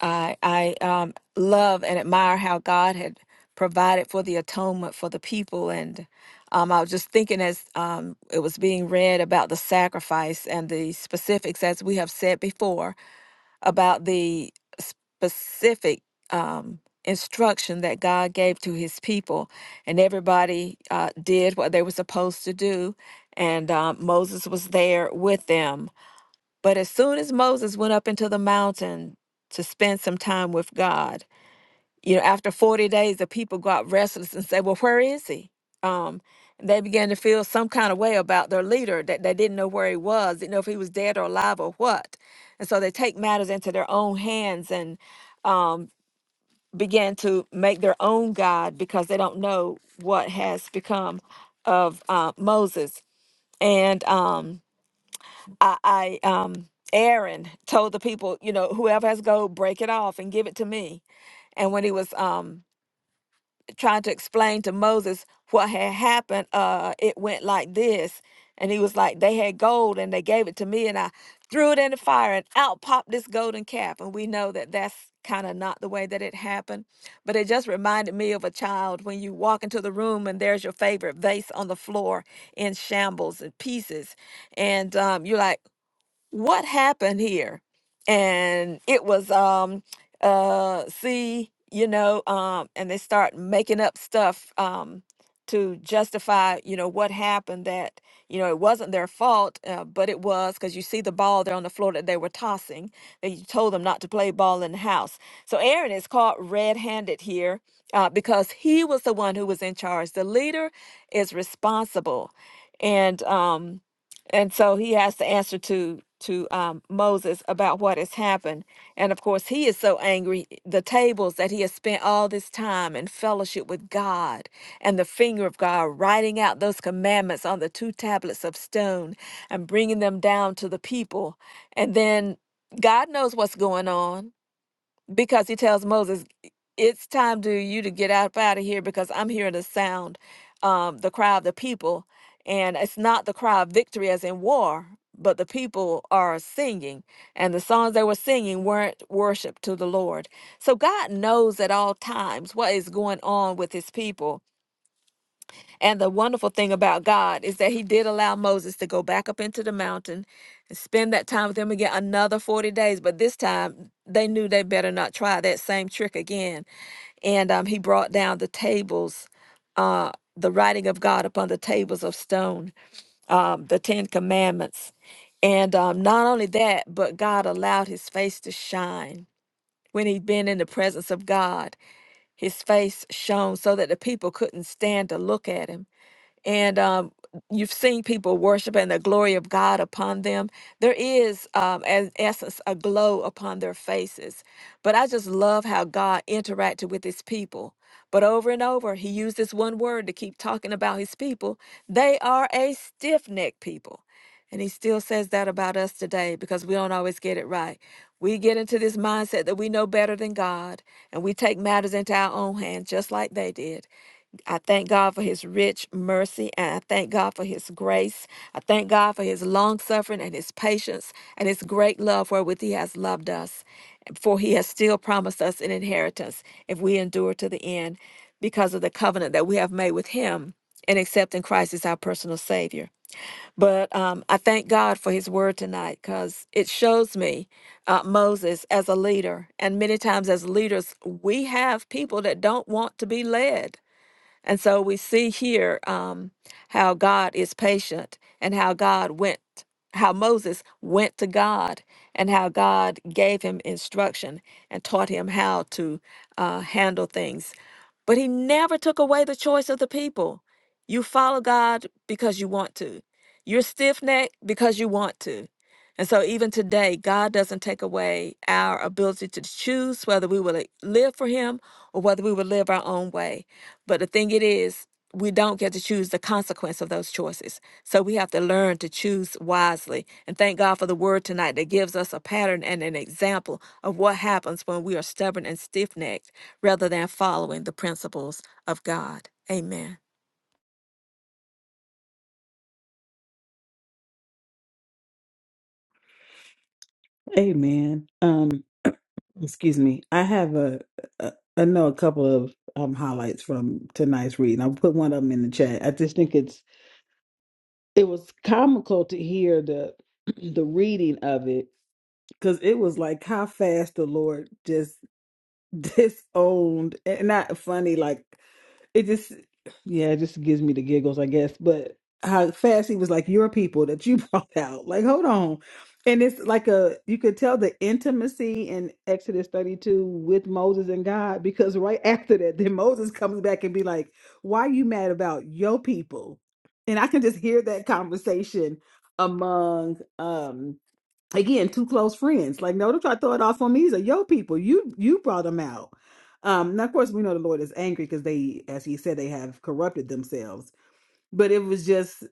I I um, love and admire how God had provided for the atonement for the people, and um, I was just thinking as um, it was being read about the sacrifice and the specifics, as we have said before, about the specific um, instruction that God gave to His people, and everybody uh, did what they were supposed to do, and um, Moses was there with them but as soon as Moses went up into the mountain to spend some time with God, you know, after 40 days, the people got restless and said, Well, where is he? Um, they began to feel some kind of way about their leader that they didn't know where he was, didn't know if he was dead or alive or what. And so they take matters into their own hands and um, begin to make their own God because they don't know what has become of uh, Moses. And um, I, I um Aaron told the people, you know, whoever has gold, break it off and give it to me. And when he was um trying to explain to Moses what had happened, uh, it went like this. And he was like, they had gold and they gave it to me, and I threw it in the fire, and out popped this golden calf. And we know that that's kind of not the way that it happened. But it just reminded me of a child when you walk into the room and there's your favorite vase on the floor in shambles and pieces. And um, you're like, what happened here and it was um uh see you know um and they start making up stuff um to justify you know what happened that you know it wasn't their fault uh, but it was because you see the ball there on the floor that they were tossing that you told them not to play ball in the house so aaron is caught red-handed here uh, because he was the one who was in charge the leader is responsible and um and so he has to answer to to um, Moses about what has happened. And of course, he is so angry. The tables that he has spent all this time in fellowship with God and the finger of God, writing out those commandments on the two tablets of stone and bringing them down to the people. And then God knows what's going on because he tells Moses, "It's time to you to get up out of here because I'm hearing the sound, um, the cry of the people, and it's not the cry of victory as in war, but the people are singing, and the songs they were singing weren't worship to the Lord. So God knows at all times what is going on with His people." And the wonderful thing about God is that he did allow Moses to go back up into the mountain and spend that time with him again another 40 days. But this time they knew they better not try that same trick again. And um, he brought down the tables, uh, the writing of God upon the tables of stone, um, the Ten Commandments. And um, not only that, but God allowed his face to shine. When he'd been in the presence of God, his face shone so that the people couldn't stand to look at him and um, you've seen people worshiping the glory of God upon them. There is, um, as essence, a glow upon their faces. But I just love how God interacted with His people. But over and over, He used this one word to keep talking about His people. They are a stiff necked people. And he still says that about us today because we don't always get it right. We get into this mindset that we know better than God and we take matters into our own hands just like they did. I thank God for his rich mercy and I thank God for his grace. I thank God for his long suffering and his patience and his great love wherewith he has loved us. For he has still promised us an inheritance if we endure to the end because of the covenant that we have made with him and accepting Christ as our personal Savior. But um, I thank God for His Word tonight because it shows me uh, Moses as a leader. And many times, as leaders, we have people that don't want to be led. And so we see here um, how God is patient and how God went, how Moses went to God and how God gave him instruction and taught him how to uh, handle things. But he never took away the choice of the people. You follow God because you want to, you're stiff necked because you want to. And so, even today, God doesn't take away our ability to choose whether we will eh, live for Him or whether we will live our own way. But the thing it is, we don't get to choose the consequence of those choices. So we have to learn to choose wisely. And thank God for the word tonight that gives us a pattern and an example of what happens when we are stubborn and stiff necked rather than following the principles of God. Amen.
Amen. Um, (clears throat) excuse me. I have a, a I know a couple of um highlights from tonight's reading. I'll put one of them in the chat. I just think it's it was comical to hear the (clears throat) the reading of it because it was like how fast the Lord just (laughs) disowned and not funny like it just yeah it just gives me the giggles i guess but how fast he was like your people that you (laughs) brought out like hold on and it's like a you could tell the intimacy in exodus 32 with moses and god because right (laughs) after that then moses comes back and be like why you mad about your people and i can just hear that conversation among um again two close friends like no don't try to throw it off on me these are your people you you brought them out um now of course we know the lord is angry because they as he said they have corrupted themselves but it was just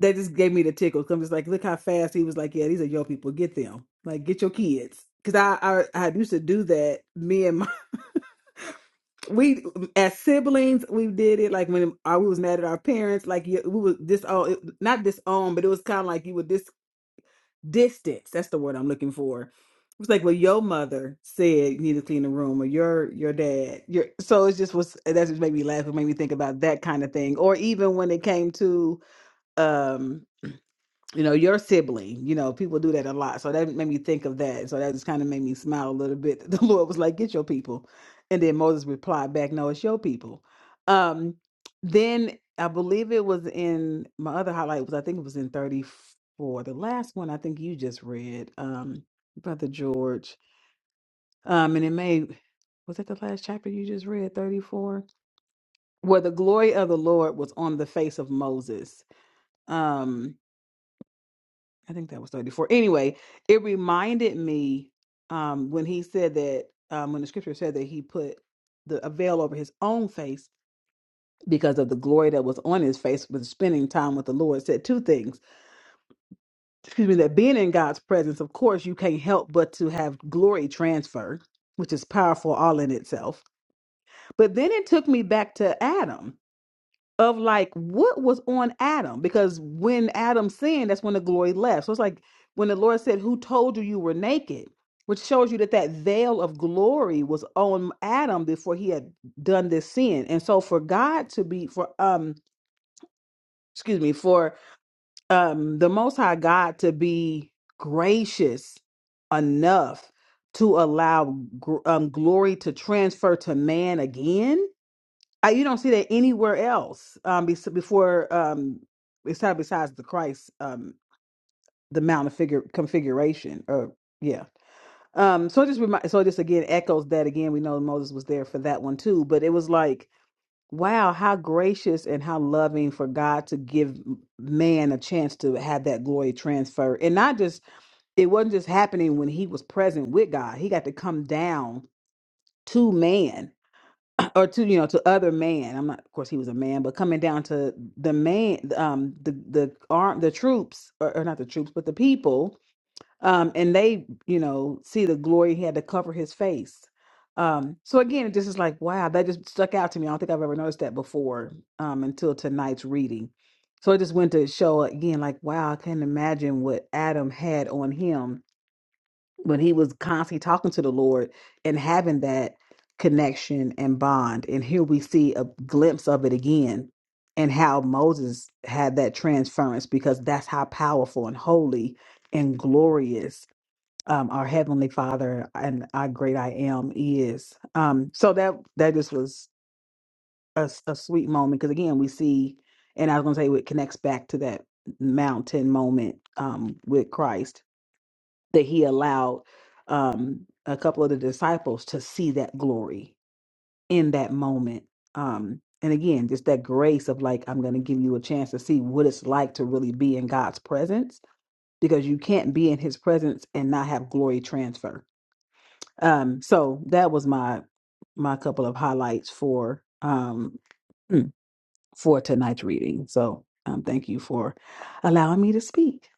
that just gave me the tickle because just like look how fast he was like yeah these are your people get them like get your kids because I, I i used to do that me and my (laughs) we as siblings we did it like when our, we was mad at our parents like yeah, we was disowned not disowned but it was kind of like you would disown. distance. That's the word I'm looking for. It was like, well, your mother said you need to clean the room, or your your dad. Your so it just was. That's just made me laugh. It made me think about that kind of thing. Or even when it came to, um, you know, your sibling. You know, people do that a lot. So that made me think of that. So that just kind of made me smile a little bit. (laughs) The Lord was like, get your people. And then Moses replied back, no, it's your people. Um, then I believe it was in my other highlight was I think it was in 34. The last one I think you just read, um, Brother George. Um, and it may was that the last chapter you just read, 34? Where the glory of the Lord was on the face of Moses. Um, I think that was 34. Anyway, it reminded me um, when he said that, um, when the scripture said that he put the a veil over his own face because of the glory that was on his face with spending time with the Lord, It said two things. Excuse me, that being in God's presence, of course, you can't help but to have glory transferred, which is powerful all in itself. But then it took me back to Adam of like what was on Adam because when Adam sinned, that's when the glory left. So it's like when the Lord said, "Who told you you were naked?" Which shows you that that veil of glory was on Adam before he had done this sin. And so for God to be for um excuse me for um the Most High God to be gracious enough to allow gr- um, glory to transfer to man again I, you don't see that anywhere else um, bes- before um, besides besides the Christ um, the Mount of figure configuration or yeah. Um, so it just remind, so it just again echoes that again. We know Moses was there for that one too, but it was like wow, how gracious and how loving for God to give man a chance to have that glory transfer, and not just it wasn't just happening when he was present with God. He got to come down to man or to you know to other man i'm not of course he was a man but coming down to the man um the the arm the troops or, or not the troops but the people um and they you know see the glory he had to cover his face um so again it just is like wow that just stuck out to me i don't think i've ever noticed that before um until tonight's reading so it just went to show again like wow i can't imagine what adam had on him when he was constantly talking to the Lord and having that connection and bond. And here we see a glimpse of it again and how Moses had that transference because that's how powerful and holy and glorious um, our heavenly Father and our great I am is. Um, so that that just was a, s- a sweet moment because again we see, and I was going to say it connects back to that mountain moment um, with Christ that he allowed um, a couple of the disciples to see that glory in that moment. Um, and again, just that grace of like, I'm going to give you a chance to see what it's like to really be in God's presence because you can't be in his presence and not have glory transfer. Um, so that was my my couple of highlights for um hmm, for tonight's reading. So um, thank you for allowing me to speak.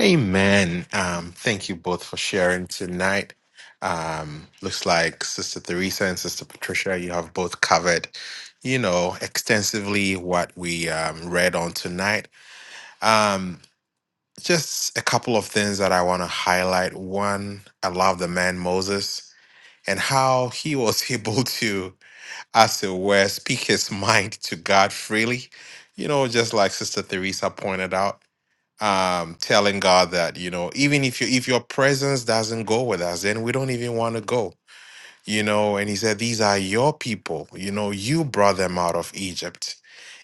Amen. Um, thank you both for sharing tonight. Um, looks like Sister Theresa and Sister Patricia, you have both covered, you know, extensively what we um, read on tonight. Um, just a couple of things that I want to highlight. One, I love the man Moses and how he was (laughs) able to, as it were, speak his mind to God freely. You know, just like Sister Theresa pointed out um telling god that you know even if you if your presence doesn't go with us then we don't even want to go you know and he said these are your people you know you brought them out of egypt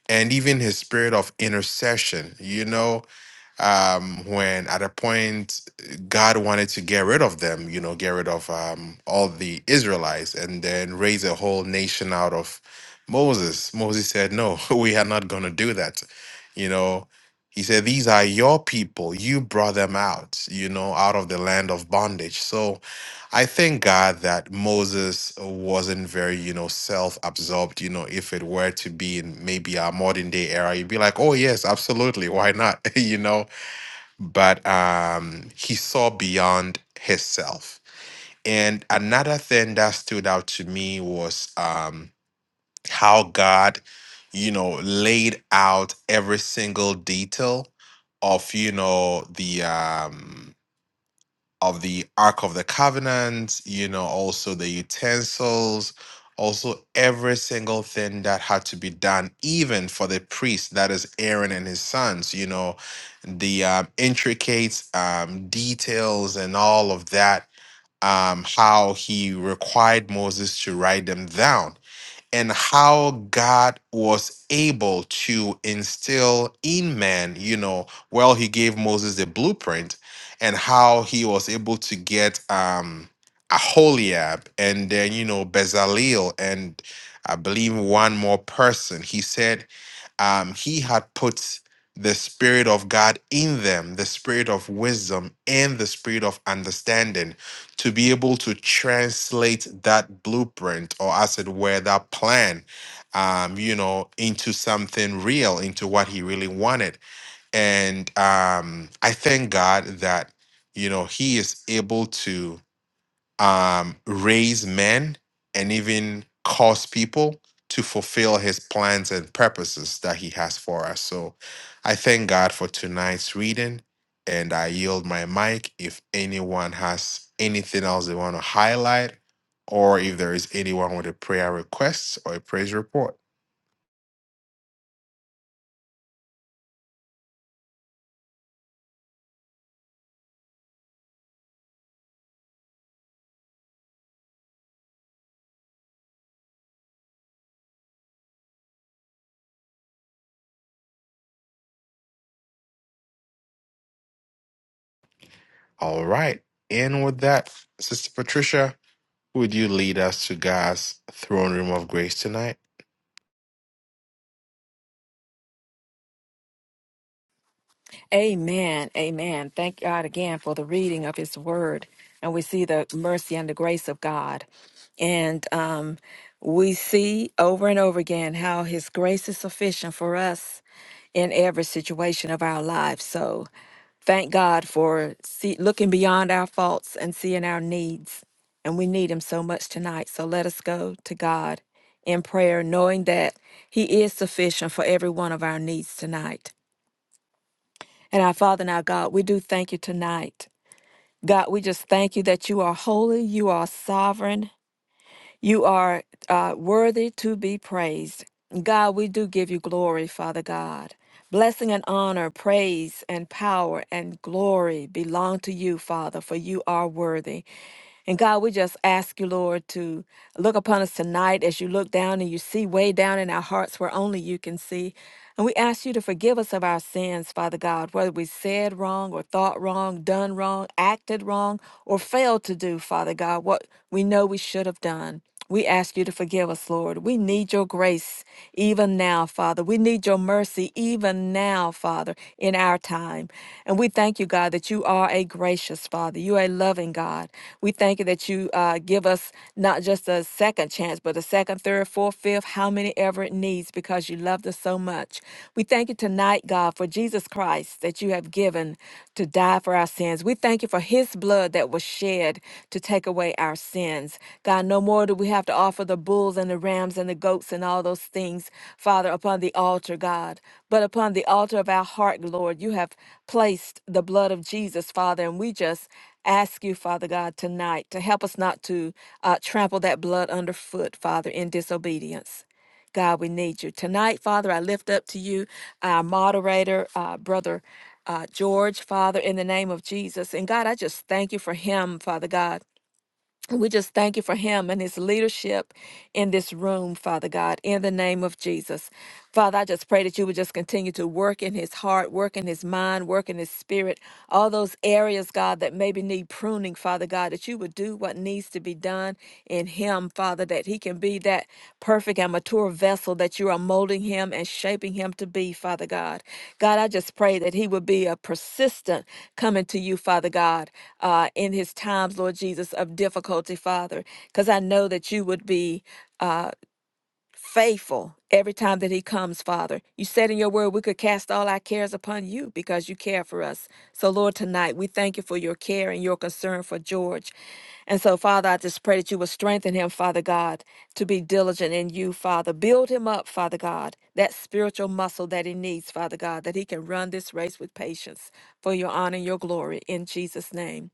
and even his spirit of intercession you know um, when at a point God wanted to get rid of them, you know, get rid of um, all the Israelites and then raise a whole nation out of Moses. Moses said, No, (laughs) we are not going to do that. You know, he said, These are your people. You brought them out, you know, out of the land of bondage. So I thank God that Moses wasn't very, you know, self absorbed. You know, if it were to be in maybe our modern day era, you'd be like, Oh, yes, absolutely. Why not? (laughs) you know, but um, he saw beyond himself. And another thing that stood out to me was um, how God, you know, laid out every single detail of, you know, the um, of the Ark of the Covenant, you know, also the utensils, also every single thing that had to be done, even for the priest, that is Aaron and his sons, you know, the um, intricate um, details and all of that, um, how he required Moses to write them down and how God was able to instill in man, you know, well, he gave Moses the blueprint and how he was able to get um Aholiab and then, you know, Bezalel and I believe one more person. He said, um, he had put the Spirit of God in them, the Spirit of wisdom and the Spirit of understanding to be able to translate that blueprint or, as it were, that plan, um, you know, into something real, into what he really wanted. And um, I thank God that, you know, he is able to um, raise men and even cause people to fulfill his plans and purposes that he has for us. So I thank God for tonight's reading and I yield my mic if anyone has anything else they want to highlight or if there is anyone with a prayer request or a praise report. All right. And with that, Sister Patricia, would you lead us to God's throne room of grace tonight?
Amen. Amen. Thank God again for the reading of His Word. And we see the mercy and the grace of God. And um, we see over and over again how His grace is sufficient for us in every situation of our lives. So thank God for see, looking beyond our faults and seeing our needs. And we need Him so much tonight. So let us go to God in prayer, knowing that He is sufficient for every one of our needs tonight. And our Father and our God, we do thank you tonight. God, we just thank you that you are holy, you are sovereign, you are uh, worthy to be praised. God, we do give you glory, Father God. Blessing and honor, praise and power and glory belong to you, Father, for you are worthy. And God, we just ask you, Lord, to look upon us tonight as you look down and you see way down in our hearts where only you can see. And we ask you to forgive us of our sins, Father God, whether we said wrong or thought wrong, done wrong, acted wrong, or failed to do, Father God, what we know we should have done. We ask you to forgive us, Lord. We need your grace even now, Father. We need your mercy even now, Father, in our time. And we thank you, God, that you are a gracious Father. You are a loving God. We thank you that you uh, give us not just a second chance, but a second, third, fourth, fifth, how many ever it needs, because you loved us so much. We thank you tonight, God, for Jesus Christ that you have given to die for our sins. We thank you for his blood that was shed to take away our sins. God, no more do we have to offer the bulls and the rams and the goats and all those things, Father, upon the altar, God, but upon the altar of our heart, Lord, you have placed the blood of Jesus, Father, and we just ask you, Father God, tonight to help us not to uh, trample that blood underfoot, Father, in disobedience. God, we need you. Tonight, Father, I lift up to you our moderator, uh, Brother uh, George, Father, in the name of Jesus. And God, I just thank you for him, Father God. We just thank you for him and his leadership in this room, Father God, in the name of Jesus. Father, I just pray that you would just continue to work in his heart, work in his mind, work in his spirit, all those areas, God, that maybe need pruning, Father God, that you would do what needs to be done in him him, Father, that he can be that perfect and mature vessel that you are molding him and shaping him to be, Father God. God, I just pray that he would be a persistent coming to you, Father God, uh, in his times, Lord Jesus, of difficulty, Father, because I know that you would be. Uh, faithful every time that he comes, Father. You said in your word we could cast all our cares upon you because you care for us. So, Lord, tonight we thank you for your care and your concern for George. And so, Father, I just pray that you will strengthen him, Father God, to be diligent in you, Father. Build him up, Father God, that spiritual muscle that he needs, Father God, that he can run this race with patience for your honor and your glory in Jesus' name.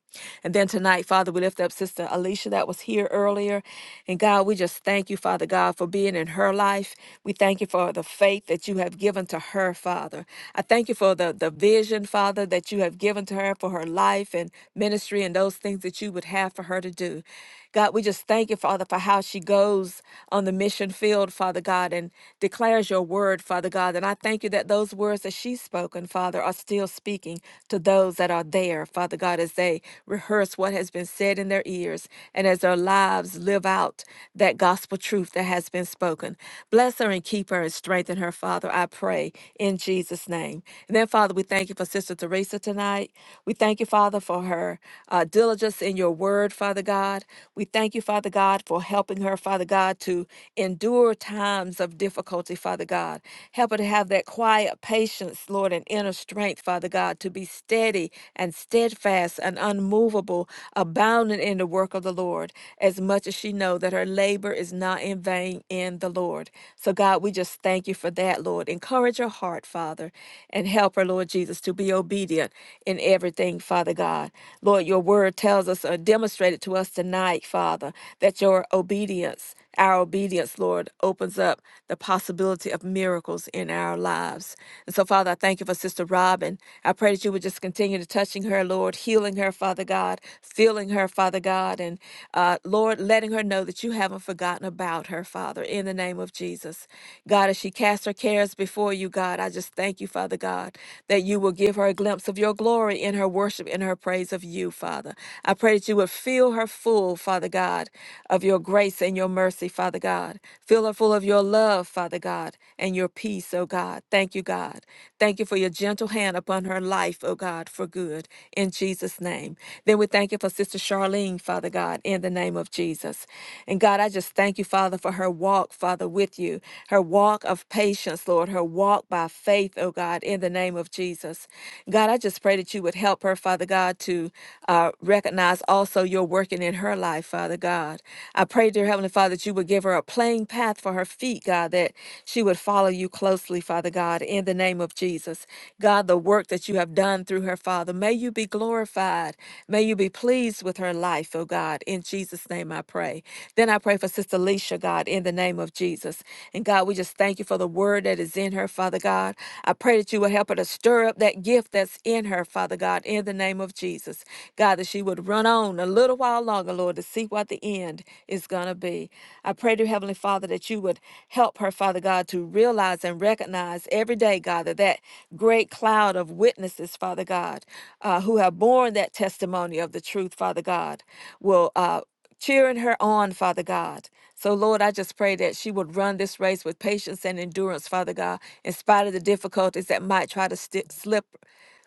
And then tonight, Father, we lift up Sister Alicia that was here earlier. And God, we just thank you, Father God, for being in her life. We thank you for the faith that you have given to her, Father. I thank you for the, the vision, Father, that you have given to her for her life and ministry and those things that you would have for her to do. God, we just thank you, Father, for how she goes on the mission field, Father God, and declares your word, Father God. And I thank you that those words that she's spoken, Father, are still speaking to those that are there, Father God, as they rehearse what has been said in their ears and as their lives live out that gospel truth that has been spoken. Bless her and keep her and strengthen her, Father, I pray, in Jesus' name. And then, Father, we thank you for Sister Teresa tonight. We thank you, Father, for her uh, diligence diligence in your word, Father God. We thank you, Father God, for helping her, Father God, to endure times of difficulty, Father God. Help her to have that quiet patience, Lord, and inner strength, Father God, to be steady and steadfast and unmovable, abounding in the work of the Lord, as much as she know that her labor is not in vain in the Lord. So, God, we just thank you for that, Lord. Encourage her heart, Father, and help her, Lord Jesus, to be obedient in every everything, Father God. Lord, your word tells us, or demonstrated to us tonight, Father, that your obedience, our obedience, Lord, opens up the possibility of miracles in our lives. And so, Father, I thank you for Sister Robin. I pray that you would just continue to touching her, Lord, healing her, Father God, filling her, Father God, and uh, Lord, letting her know that you haven't forgotten about her, Father, in the name of Jesus. God, as she casts her cares before you, God, I just thank you, Father God, that that you will give her a glimpse of your glory in her worship, in her praise of you, Father. I pray that you would fill her full, Father God, of your grace and your mercy, Father God. Fill her full of your love, Father God, and your peace, O God. Thank you, God. Thank you for your gentle hand upon her life, O God, for good, in Jesus' name. Then we thank you for Sister Charlene, Father God, in the name of Jesus. And God, I just thank you, Father, for her walk, Father, with you, her walk of patience, Lord, her walk walk by faith, oh God, in the name of Jesus. God, I just pray that you would help her, Father God, to uh, recognize also your working in her life, Father God. I pray, dear Heavenly Father, that you would give her a plain path for her feet, God, that she would follow you closely, Father God, in the name of Jesus. God, the work that you have done through her, Father, may you be glorified. May you be pleased with her life, oh God. In Jesus' name I pray. Then I pray for Sister Leisha, God, in the name of Jesus. And God, God, we just thank you for the word that is in her, Father God. I pray that you will help her to stir up that gift that's in her, Father God, in the name of Jesus. God, that she would run on a little while longer, Lord, to see what the end is going to be. I pray to Heavenly Father that you would help her, Father God, to realize and recognize every day, God, that that great cloud of witnesses, Father God, uh, who have borne that testimony of the truth, Father God, will uh, cheering her on, Father God. So, Lord, I just pray that she would run this race with patience and endurance, Father God, in spite of the difficulties that might try to sti slip,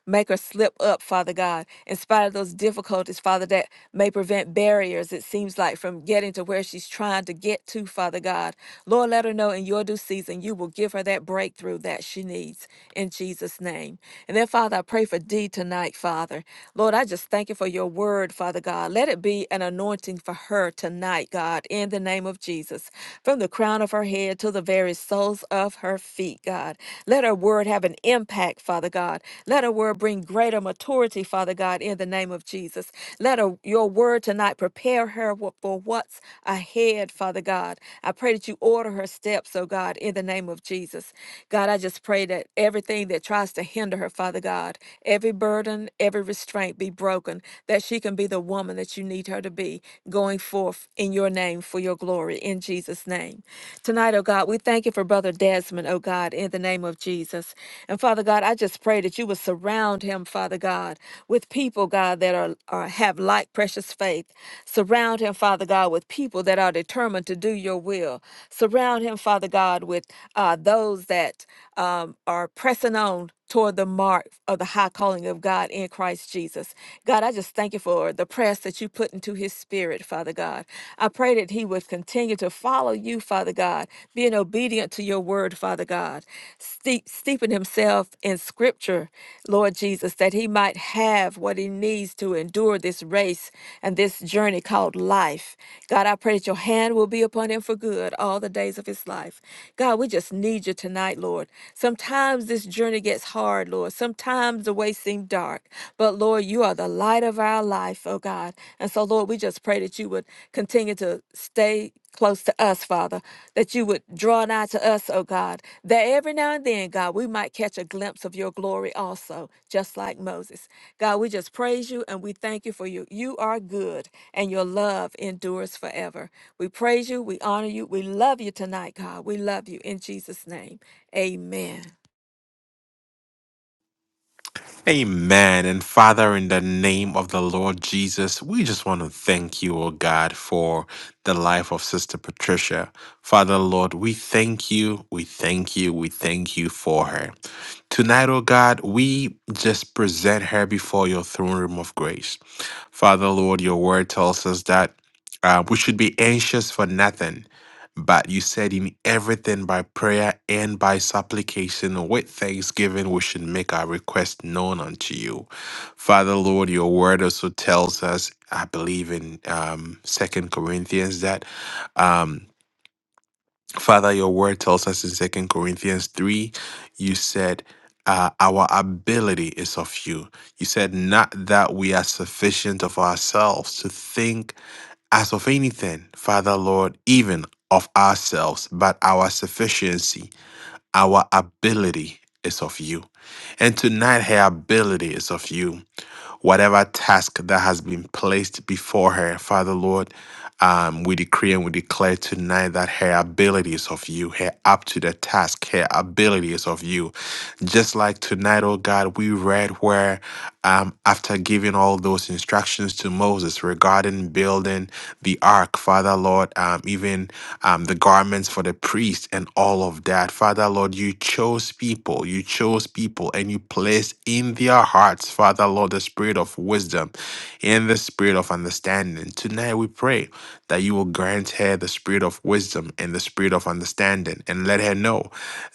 make her slip up, Father God, in spite of those difficulties, Father, that may prevent barriers, it seems like, from getting to where she's trying to get to, Father God. Lord, let her know in your due season, you will give her that breakthrough that she needs in Jesus' name. And then, Father, I pray for D tonight, Father. Lord, I just thank you for your word, Father God. Let it be an anointing for her tonight, God, in the name of Jesus, from the crown of her head to the very soles of her feet, God. Let her word have an impact, Father God. Let her word bring greater maturity, Father God, in the name of Jesus. Let her, your word tonight prepare her wh- for what's ahead, Father God. I pray that you order her steps, oh God, in the name of Jesus. God, I just pray that everything that tries to hinder her, Father God, every burden, every restraint be broken, that she can be the woman that you need her to be going forth in your name for your glory in Jesus' name. Tonight, oh God, we thank you for Brother Desmond, oh God, in the name of Jesus. And Father God, I just pray that you would surround him, Father God, with people, God, that are, are have like precious faith. Surround him, Father God, with people that are determined to do your will. Surround him, Father God, with uh, those that um, are pressing on toward the mark of the high calling of God in Christ Jesus. God, I just thank you for the press that you put into his spirit, Father God. I pray that he would continue to follow you, Father God, being obedient to your word, Father God, steep, steeping himself in scripture, Lord Jesus, that he might have what he needs to endure this race and this journey called life. God, I pray that your hand will be upon him for good all the days of his life. God, we just need you tonight, Lord. Sometimes this this journey gets hard, Lord. Sometimes the way seems dark, but Lord, you are the light of our life, oh God. And so, Lord, we just pray that you would continue to stay close to us, Father, that you would draw nigh to us, oh God, that every now and then, God, we might catch a glimpse of your glory also, just like Moses. God, we just praise you and we thank you for you. You are good and your love endures forever. We praise you, we honor you, we love you tonight, God. We love you in Jesus' name. Amen.
Amen. And Father, in the name of the Lord Jesus, we just want to thank you, O God, for the life of Sister Patricia. Father, Lord, we thank you, we thank you, we thank you for her. Tonight, oh God, we just present her before your throne room of grace. Father, Lord, your word tells us that uh, we should be anxious for nothing, but you said in everything by prayer and by supplication with thanksgiving, we should make our request known unto you. Father, Lord, your word also tells us, I believe in um, 2 Corinthians, that. Um, Father, your word tells us in Second Corinthians 3, you said, uh, Our ability is of you. You said, Not that we are sufficient of ourselves to think as of anything, Father, Lord, even of ourselves, but our sufficiency, our ability is of you. And tonight, her ability is of you whatever task that has been placed before her. Father, Lord, um, we decree and we declare tonight that her ability is of you, her up to the task, her ability is of you. Just like tonight, oh God, we read where um, after giving all those instructions to Moses regarding building the ark, Father Lord, um, even um, the garments for the priest and all of that. Father Lord, you chose people, you chose people, and you placed in their hearts, Father Lord, the spirit of wisdom and the spirit of understanding. Tonight we pray that you will grant her the spirit of wisdom and the spirit of understanding and let her know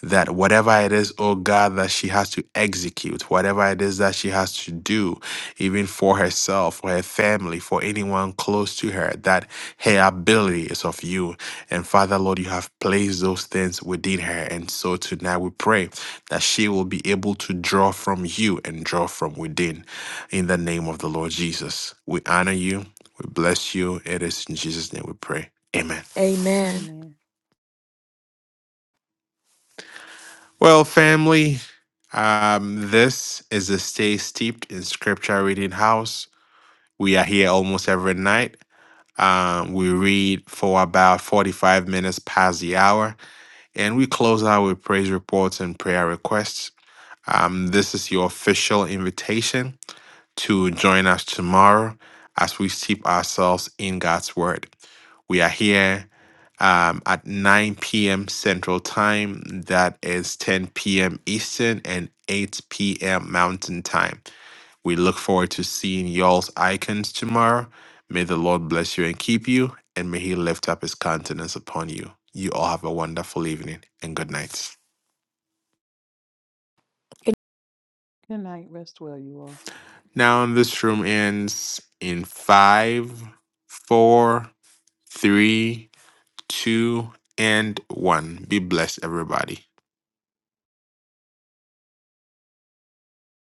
that whatever it is, oh God, that she has to execute, whatever it is that she has to do, even for herself, for her family, for anyone close to her, that her ability is of you. And Father, Lord, you have placed those things within her. And so tonight we pray that she will be able to draw from you and draw from within. In the name of the Lord Jesus, we honor you, we bless you. It is in Jesus' name we pray. Amen.
Amen.
Amen.
Well, family, um, this is a Stay Steeped in Scripture Reading House. We are here almost every night. Um, we read for about 45 minutes past the hour, and we close out with praise reports and prayer requests. Um, this is your official invitation to join us tomorrow as we steep ourselves in God's Word. We are here um, at 9 p.m. Central Time. That is 10 p.m. Eastern and 8 p.m. Mountain Time. We look forward to seeing y'all's icons tomorrow. May the Lord bless you and keep you, and may He lift up His countenance upon you. You all have a wonderful evening and good night.
Good night. Rest well, you all.
Now, this room ends in five, four, three, two, and one. Be blessed, everybody.